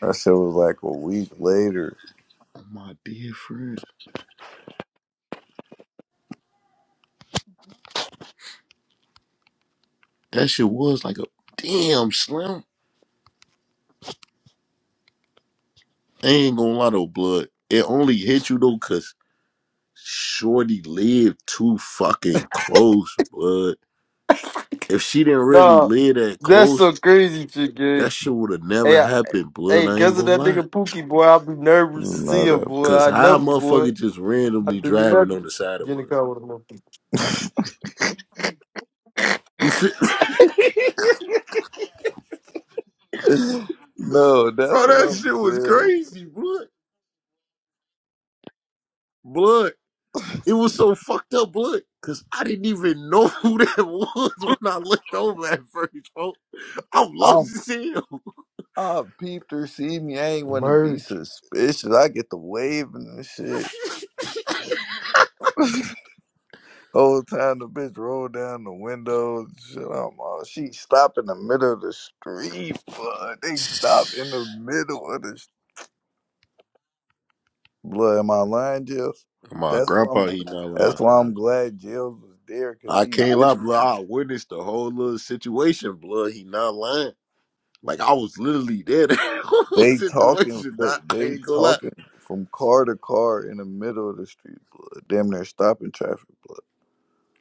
[SPEAKER 2] that shit was like a week later.
[SPEAKER 1] Oh, my dear friend, that shit was like a damn slam. I ain't gonna lie though, blood. It only hit you though, cause Shorty lived too fucking close, blood. If she didn't really
[SPEAKER 7] Nah,
[SPEAKER 1] live that
[SPEAKER 7] that's
[SPEAKER 1] close,
[SPEAKER 7] some crazy shit,
[SPEAKER 1] that
[SPEAKER 7] gang.
[SPEAKER 1] shit would have never
[SPEAKER 7] Hey, I,
[SPEAKER 1] happened, blood.
[SPEAKER 7] hey,
[SPEAKER 1] I ain't
[SPEAKER 7] cause of
[SPEAKER 1] gonna
[SPEAKER 7] that
[SPEAKER 1] lie.
[SPEAKER 7] nigga Pookie boy, I be nervous to
[SPEAKER 2] You
[SPEAKER 7] see
[SPEAKER 2] know
[SPEAKER 7] him, boy.
[SPEAKER 1] Cause
[SPEAKER 7] I
[SPEAKER 1] how a
[SPEAKER 7] never, boy.
[SPEAKER 1] motherfucker just
[SPEAKER 7] I
[SPEAKER 1] randomly
[SPEAKER 7] do
[SPEAKER 1] driving
[SPEAKER 7] not
[SPEAKER 1] on
[SPEAKER 7] get
[SPEAKER 1] the side
[SPEAKER 7] get
[SPEAKER 1] of
[SPEAKER 7] in the
[SPEAKER 1] us?
[SPEAKER 7] car with a motherfucker.
[SPEAKER 1] You feel
[SPEAKER 2] that? no, that's
[SPEAKER 1] Bro,
[SPEAKER 2] what
[SPEAKER 1] that
[SPEAKER 2] I'm
[SPEAKER 1] shit was
[SPEAKER 2] saying.
[SPEAKER 1] crazy, blood. Blood. It was so fucked up, blood. Cause I didn't even know who that was when I looked over at first, bro. I'm lost
[SPEAKER 2] I'm
[SPEAKER 1] as hell.
[SPEAKER 2] I peeped her, see me. I ain't want to be
[SPEAKER 7] Merge.
[SPEAKER 2] suspicious. I get the waving and shit. Whole time the bitch rolled down the window. and Shit, I'm all, she stopped in the middle of the street. Fuck, they stopped in the middle of the Blood, am I lying, Jills?
[SPEAKER 1] My
[SPEAKER 2] That's why I'm.
[SPEAKER 1] grandpa, he not lying.
[SPEAKER 2] That's why I'm glad Jills was there because
[SPEAKER 1] I
[SPEAKER 2] he
[SPEAKER 1] can't lie,
[SPEAKER 2] witnesses.
[SPEAKER 1] blood. I witnessed the whole little situation, blood. He not lying. Like I was literally there the whole
[SPEAKER 2] They talking.
[SPEAKER 1] situation. Not, I
[SPEAKER 2] They
[SPEAKER 1] ain't gonna lie.
[SPEAKER 2] talking from car to car in the middle of the street. Blood, damn near stopping traffic. Blood,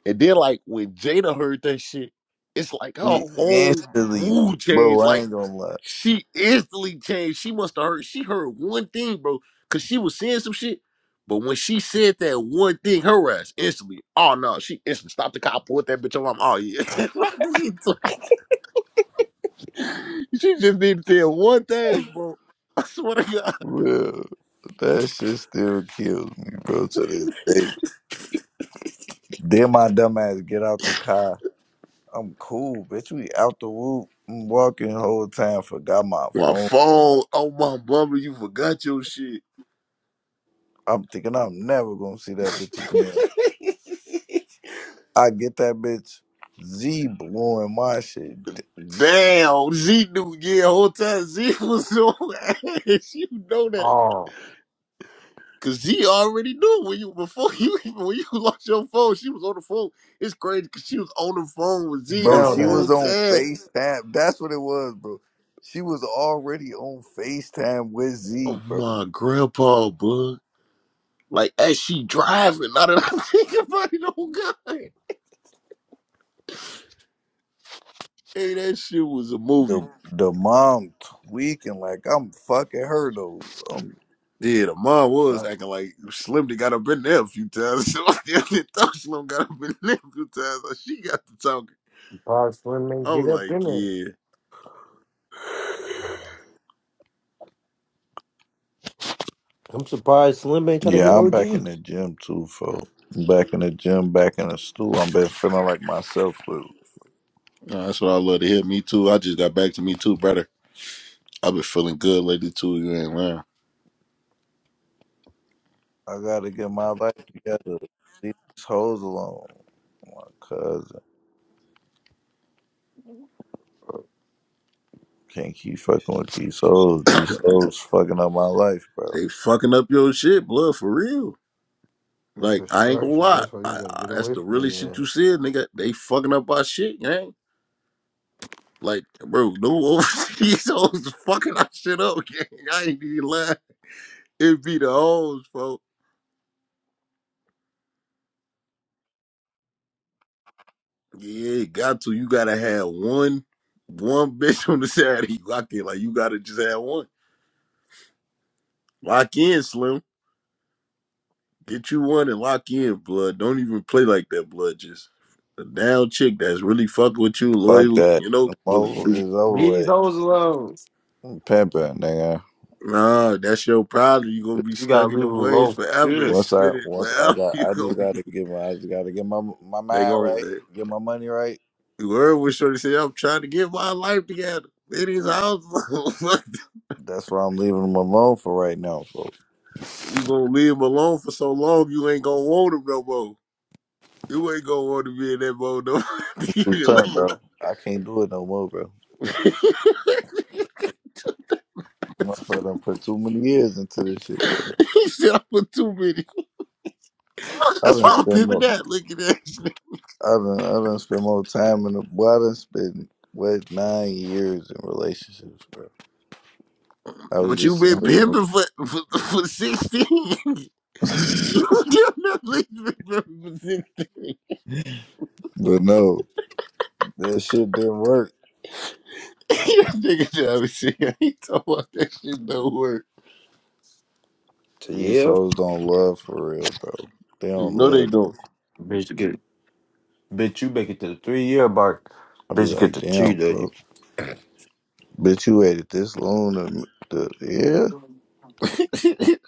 [SPEAKER 1] And then like when Jada heard that shit, it's like her
[SPEAKER 2] he
[SPEAKER 1] whole
[SPEAKER 2] instantly,
[SPEAKER 1] mood
[SPEAKER 2] bro.
[SPEAKER 1] changed.
[SPEAKER 2] I
[SPEAKER 1] Like
[SPEAKER 2] ain't gonna lie.
[SPEAKER 1] she instantly changed. She must have heard. She heard one thing, bro, cause she was saying some shit. But when she said that one thing, her ass instantly. Oh no, she instantly stopped the car, pulled that bitch on. I'm, oh yeah. She just need to tell one thing, bro. I swear to God.
[SPEAKER 2] Real. That shit still kills me, bro, to this day. Then my dumb ass get out the car. I'm cool, bitch. We out the whoop. I'm walking the whole time, forgot my
[SPEAKER 1] My
[SPEAKER 2] phone.
[SPEAKER 1] phone. Oh my bummer! you forgot your shit.
[SPEAKER 2] I'm thinking I'm never gonna see that bitch again. I get that bitch Z blowing my shit.
[SPEAKER 1] Damn, Z knew. Yeah, whole time Z was on ass. You know that.
[SPEAKER 7] Oh,
[SPEAKER 1] Cause Z already knew when you before you even when you lost your phone, she was on the phone. It's crazy cause she was on the phone with Z the
[SPEAKER 2] Bro,
[SPEAKER 7] bound
[SPEAKER 2] she
[SPEAKER 7] to
[SPEAKER 2] was
[SPEAKER 1] whole
[SPEAKER 7] happen.
[SPEAKER 2] on
[SPEAKER 1] time.
[SPEAKER 2] FaceTime. That's what it was, bro. She was already on FaceTime with
[SPEAKER 1] Oh
[SPEAKER 2] Z, bro.
[SPEAKER 1] my grandpa, bud. Like as she driving, now that I think about it, oh god. Hey, that shit was a movie.
[SPEAKER 2] The the mom tweaking like I'm fucking her though. Um,
[SPEAKER 1] Yeah, the mom was
[SPEAKER 7] Right? I'm
[SPEAKER 1] acting like Slim done got up in there a few times. So I didn't thought Slim got up in there a few times. Like, she got to talking.
[SPEAKER 7] surprised Slim ain't
[SPEAKER 1] I was
[SPEAKER 7] get up
[SPEAKER 1] like,
[SPEAKER 7] in there.
[SPEAKER 1] yeah.
[SPEAKER 7] I'm surprised Slim ain't try to hit
[SPEAKER 2] yeah, I'm back in
[SPEAKER 7] OG.
[SPEAKER 2] the gym too, folks. I'm back in the gym, back in the stool. I'm been feeling like myself, but
[SPEAKER 1] Nah, that's what I love to hear. Me too. I just got back to me too, brother. I've been feeling good lately too. You ain't lying.
[SPEAKER 2] I gotta get my life together. Leave these hoes alone. My cousin. Can't keep fucking with these souls. These souls fucking up my life, bro.
[SPEAKER 1] They fucking up your shit, blood, for real. Like, I ain't gonna
[SPEAKER 7] Distraction.
[SPEAKER 1] lie.
[SPEAKER 7] That's why you
[SPEAKER 1] I,
[SPEAKER 7] gotta
[SPEAKER 1] I,
[SPEAKER 7] get
[SPEAKER 1] that's
[SPEAKER 7] away
[SPEAKER 1] the
[SPEAKER 7] from
[SPEAKER 1] really
[SPEAKER 7] their
[SPEAKER 1] shit
[SPEAKER 7] ass.
[SPEAKER 1] you said, nigga. They fucking up our shit, gang. Like, bro, no overseas hoes fucking our shit up, gang. I ain't even lying. It be the hoes, folks. Yeah, it got to. You gotta have one one bitch on the Saturday. You lock in. Like you gotta just have one. Lock in, Slim. Get you one and lock in, blood. Don't even play like that, blood. Just a down chick that's really fucking with you,
[SPEAKER 2] Fuck
[SPEAKER 1] loyal,
[SPEAKER 2] that.
[SPEAKER 1] you
[SPEAKER 2] I'm
[SPEAKER 1] know, willing to
[SPEAKER 2] over,
[SPEAKER 1] do.
[SPEAKER 2] it's over
[SPEAKER 7] These
[SPEAKER 2] with.
[SPEAKER 7] hoes alone.
[SPEAKER 2] I'm pimping, nigga.
[SPEAKER 1] Nah, that's your problem. you gonna be
[SPEAKER 7] You
[SPEAKER 2] It's-
[SPEAKER 7] gotta
[SPEAKER 1] stuck in the
[SPEAKER 7] leave them
[SPEAKER 1] waves
[SPEAKER 7] alone.
[SPEAKER 1] forever and
[SPEAKER 7] Shit.
[SPEAKER 2] Once I
[SPEAKER 1] spinning
[SPEAKER 2] once I
[SPEAKER 1] forever.
[SPEAKER 2] got
[SPEAKER 1] you
[SPEAKER 2] I
[SPEAKER 1] gonna
[SPEAKER 2] just
[SPEAKER 1] be
[SPEAKER 2] gotta get my I just gotta get my my
[SPEAKER 1] they
[SPEAKER 2] mind
[SPEAKER 1] gonna
[SPEAKER 2] right, get my money right.
[SPEAKER 1] you heard what Shorty Say I'm trying to get my life together. It is house.
[SPEAKER 2] That's why I'm leaving them alone for right now, folks.
[SPEAKER 1] You gonna leave him alone for so long, you ain't gonna want him no more. You ain't gonna want to be in that mode no. more. you just
[SPEAKER 2] Return, bro. I can't do it no more, bro.
[SPEAKER 1] like-
[SPEAKER 2] I done put too many years into this shit, boy.
[SPEAKER 1] he said I put too many.
[SPEAKER 2] I
[SPEAKER 1] That's
[SPEAKER 2] done
[SPEAKER 1] why I'm
[SPEAKER 2] spend
[SPEAKER 1] pimping
[SPEAKER 2] more
[SPEAKER 1] that. Look at that. shit.
[SPEAKER 2] I done I done spent more time in the boy, I done spent what nine years in relationships, bro. I was
[SPEAKER 1] But you
[SPEAKER 2] just sitting
[SPEAKER 1] been
[SPEAKER 2] here
[SPEAKER 1] pimping for for, for sixteen.
[SPEAKER 2] thinking.
[SPEAKER 1] you definitely been pimping for sixteen.
[SPEAKER 2] but no, that shit didn't work.
[SPEAKER 1] That nigga Travis shit. He talking about that shit don't work.
[SPEAKER 7] To
[SPEAKER 2] These
[SPEAKER 7] yeah.
[SPEAKER 2] hoes don't love for real, bro. They don't
[SPEAKER 1] No, they
[SPEAKER 2] love. me.
[SPEAKER 1] don't.
[SPEAKER 7] Bitch, you get bitch, you make it to the three year mark.
[SPEAKER 2] I be
[SPEAKER 7] Bitch, you get
[SPEAKER 2] like,
[SPEAKER 7] to
[SPEAKER 2] damn,
[SPEAKER 7] cheat on you.
[SPEAKER 2] bro. Bitch, you waited this long to, to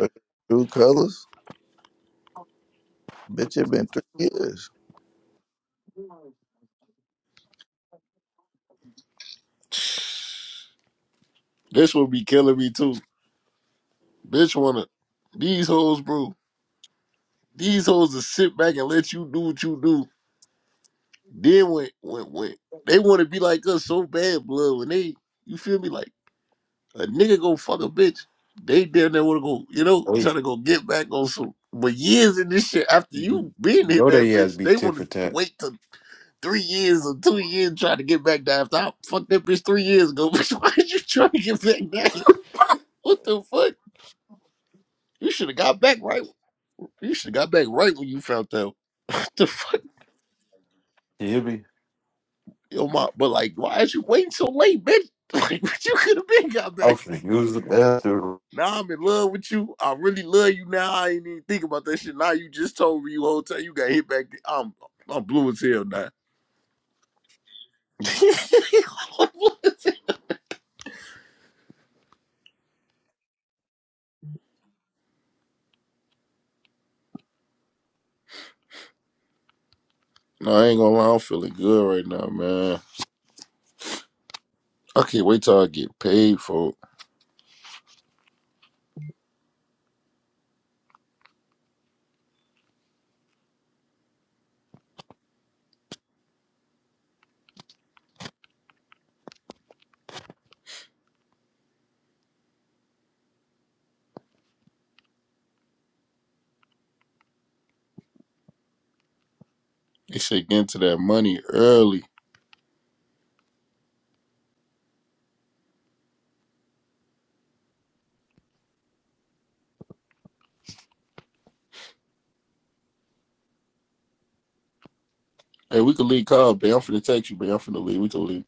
[SPEAKER 2] yeah, true colors. Bitch, it been three years.
[SPEAKER 1] this will be killing me too. Bitch wanna these hoes, bro. These hoes will sit back and let you do what you do. Then when when when they want to be like us so bad, blood. When they you feel me like a nigga go fuck a bitch, they damn near want to go you know
[SPEAKER 7] Wait,
[SPEAKER 1] trying to go get back on some. But years in this shit after
[SPEAKER 7] you
[SPEAKER 1] you been hit
[SPEAKER 7] Know
[SPEAKER 1] that
[SPEAKER 7] they ass
[SPEAKER 1] bitch,
[SPEAKER 7] be
[SPEAKER 1] they
[SPEAKER 7] tit
[SPEAKER 1] want
[SPEAKER 7] for
[SPEAKER 1] to
[SPEAKER 7] tat.
[SPEAKER 1] wait till three years or two years trying to get back down. After I fucked that bitch three years ago, bitch, why did you trying to get back down? What the fuck? You should have got back right. You should have got back right when you found out. What the fuck?
[SPEAKER 7] you hear me?
[SPEAKER 1] Yo, my, but like, why is you waiting so late, bitch? Like, what you could have been got
[SPEAKER 7] I'm
[SPEAKER 1] back.
[SPEAKER 7] finna use the bathroom.
[SPEAKER 1] Now I'm in love with you. I really love you now. I ain't even think about that shit. Now you just told me you whole time you got hit back. I'm I'm blue as hell now. I'm blue as hell. no, I ain't gonna lie. I'm feeling good right now, man. I can't wait till I get paid for it. They should get into that money early. Hey, we can leave call, babe. I'm finna text you, babe. I'm finna leave. We can leave.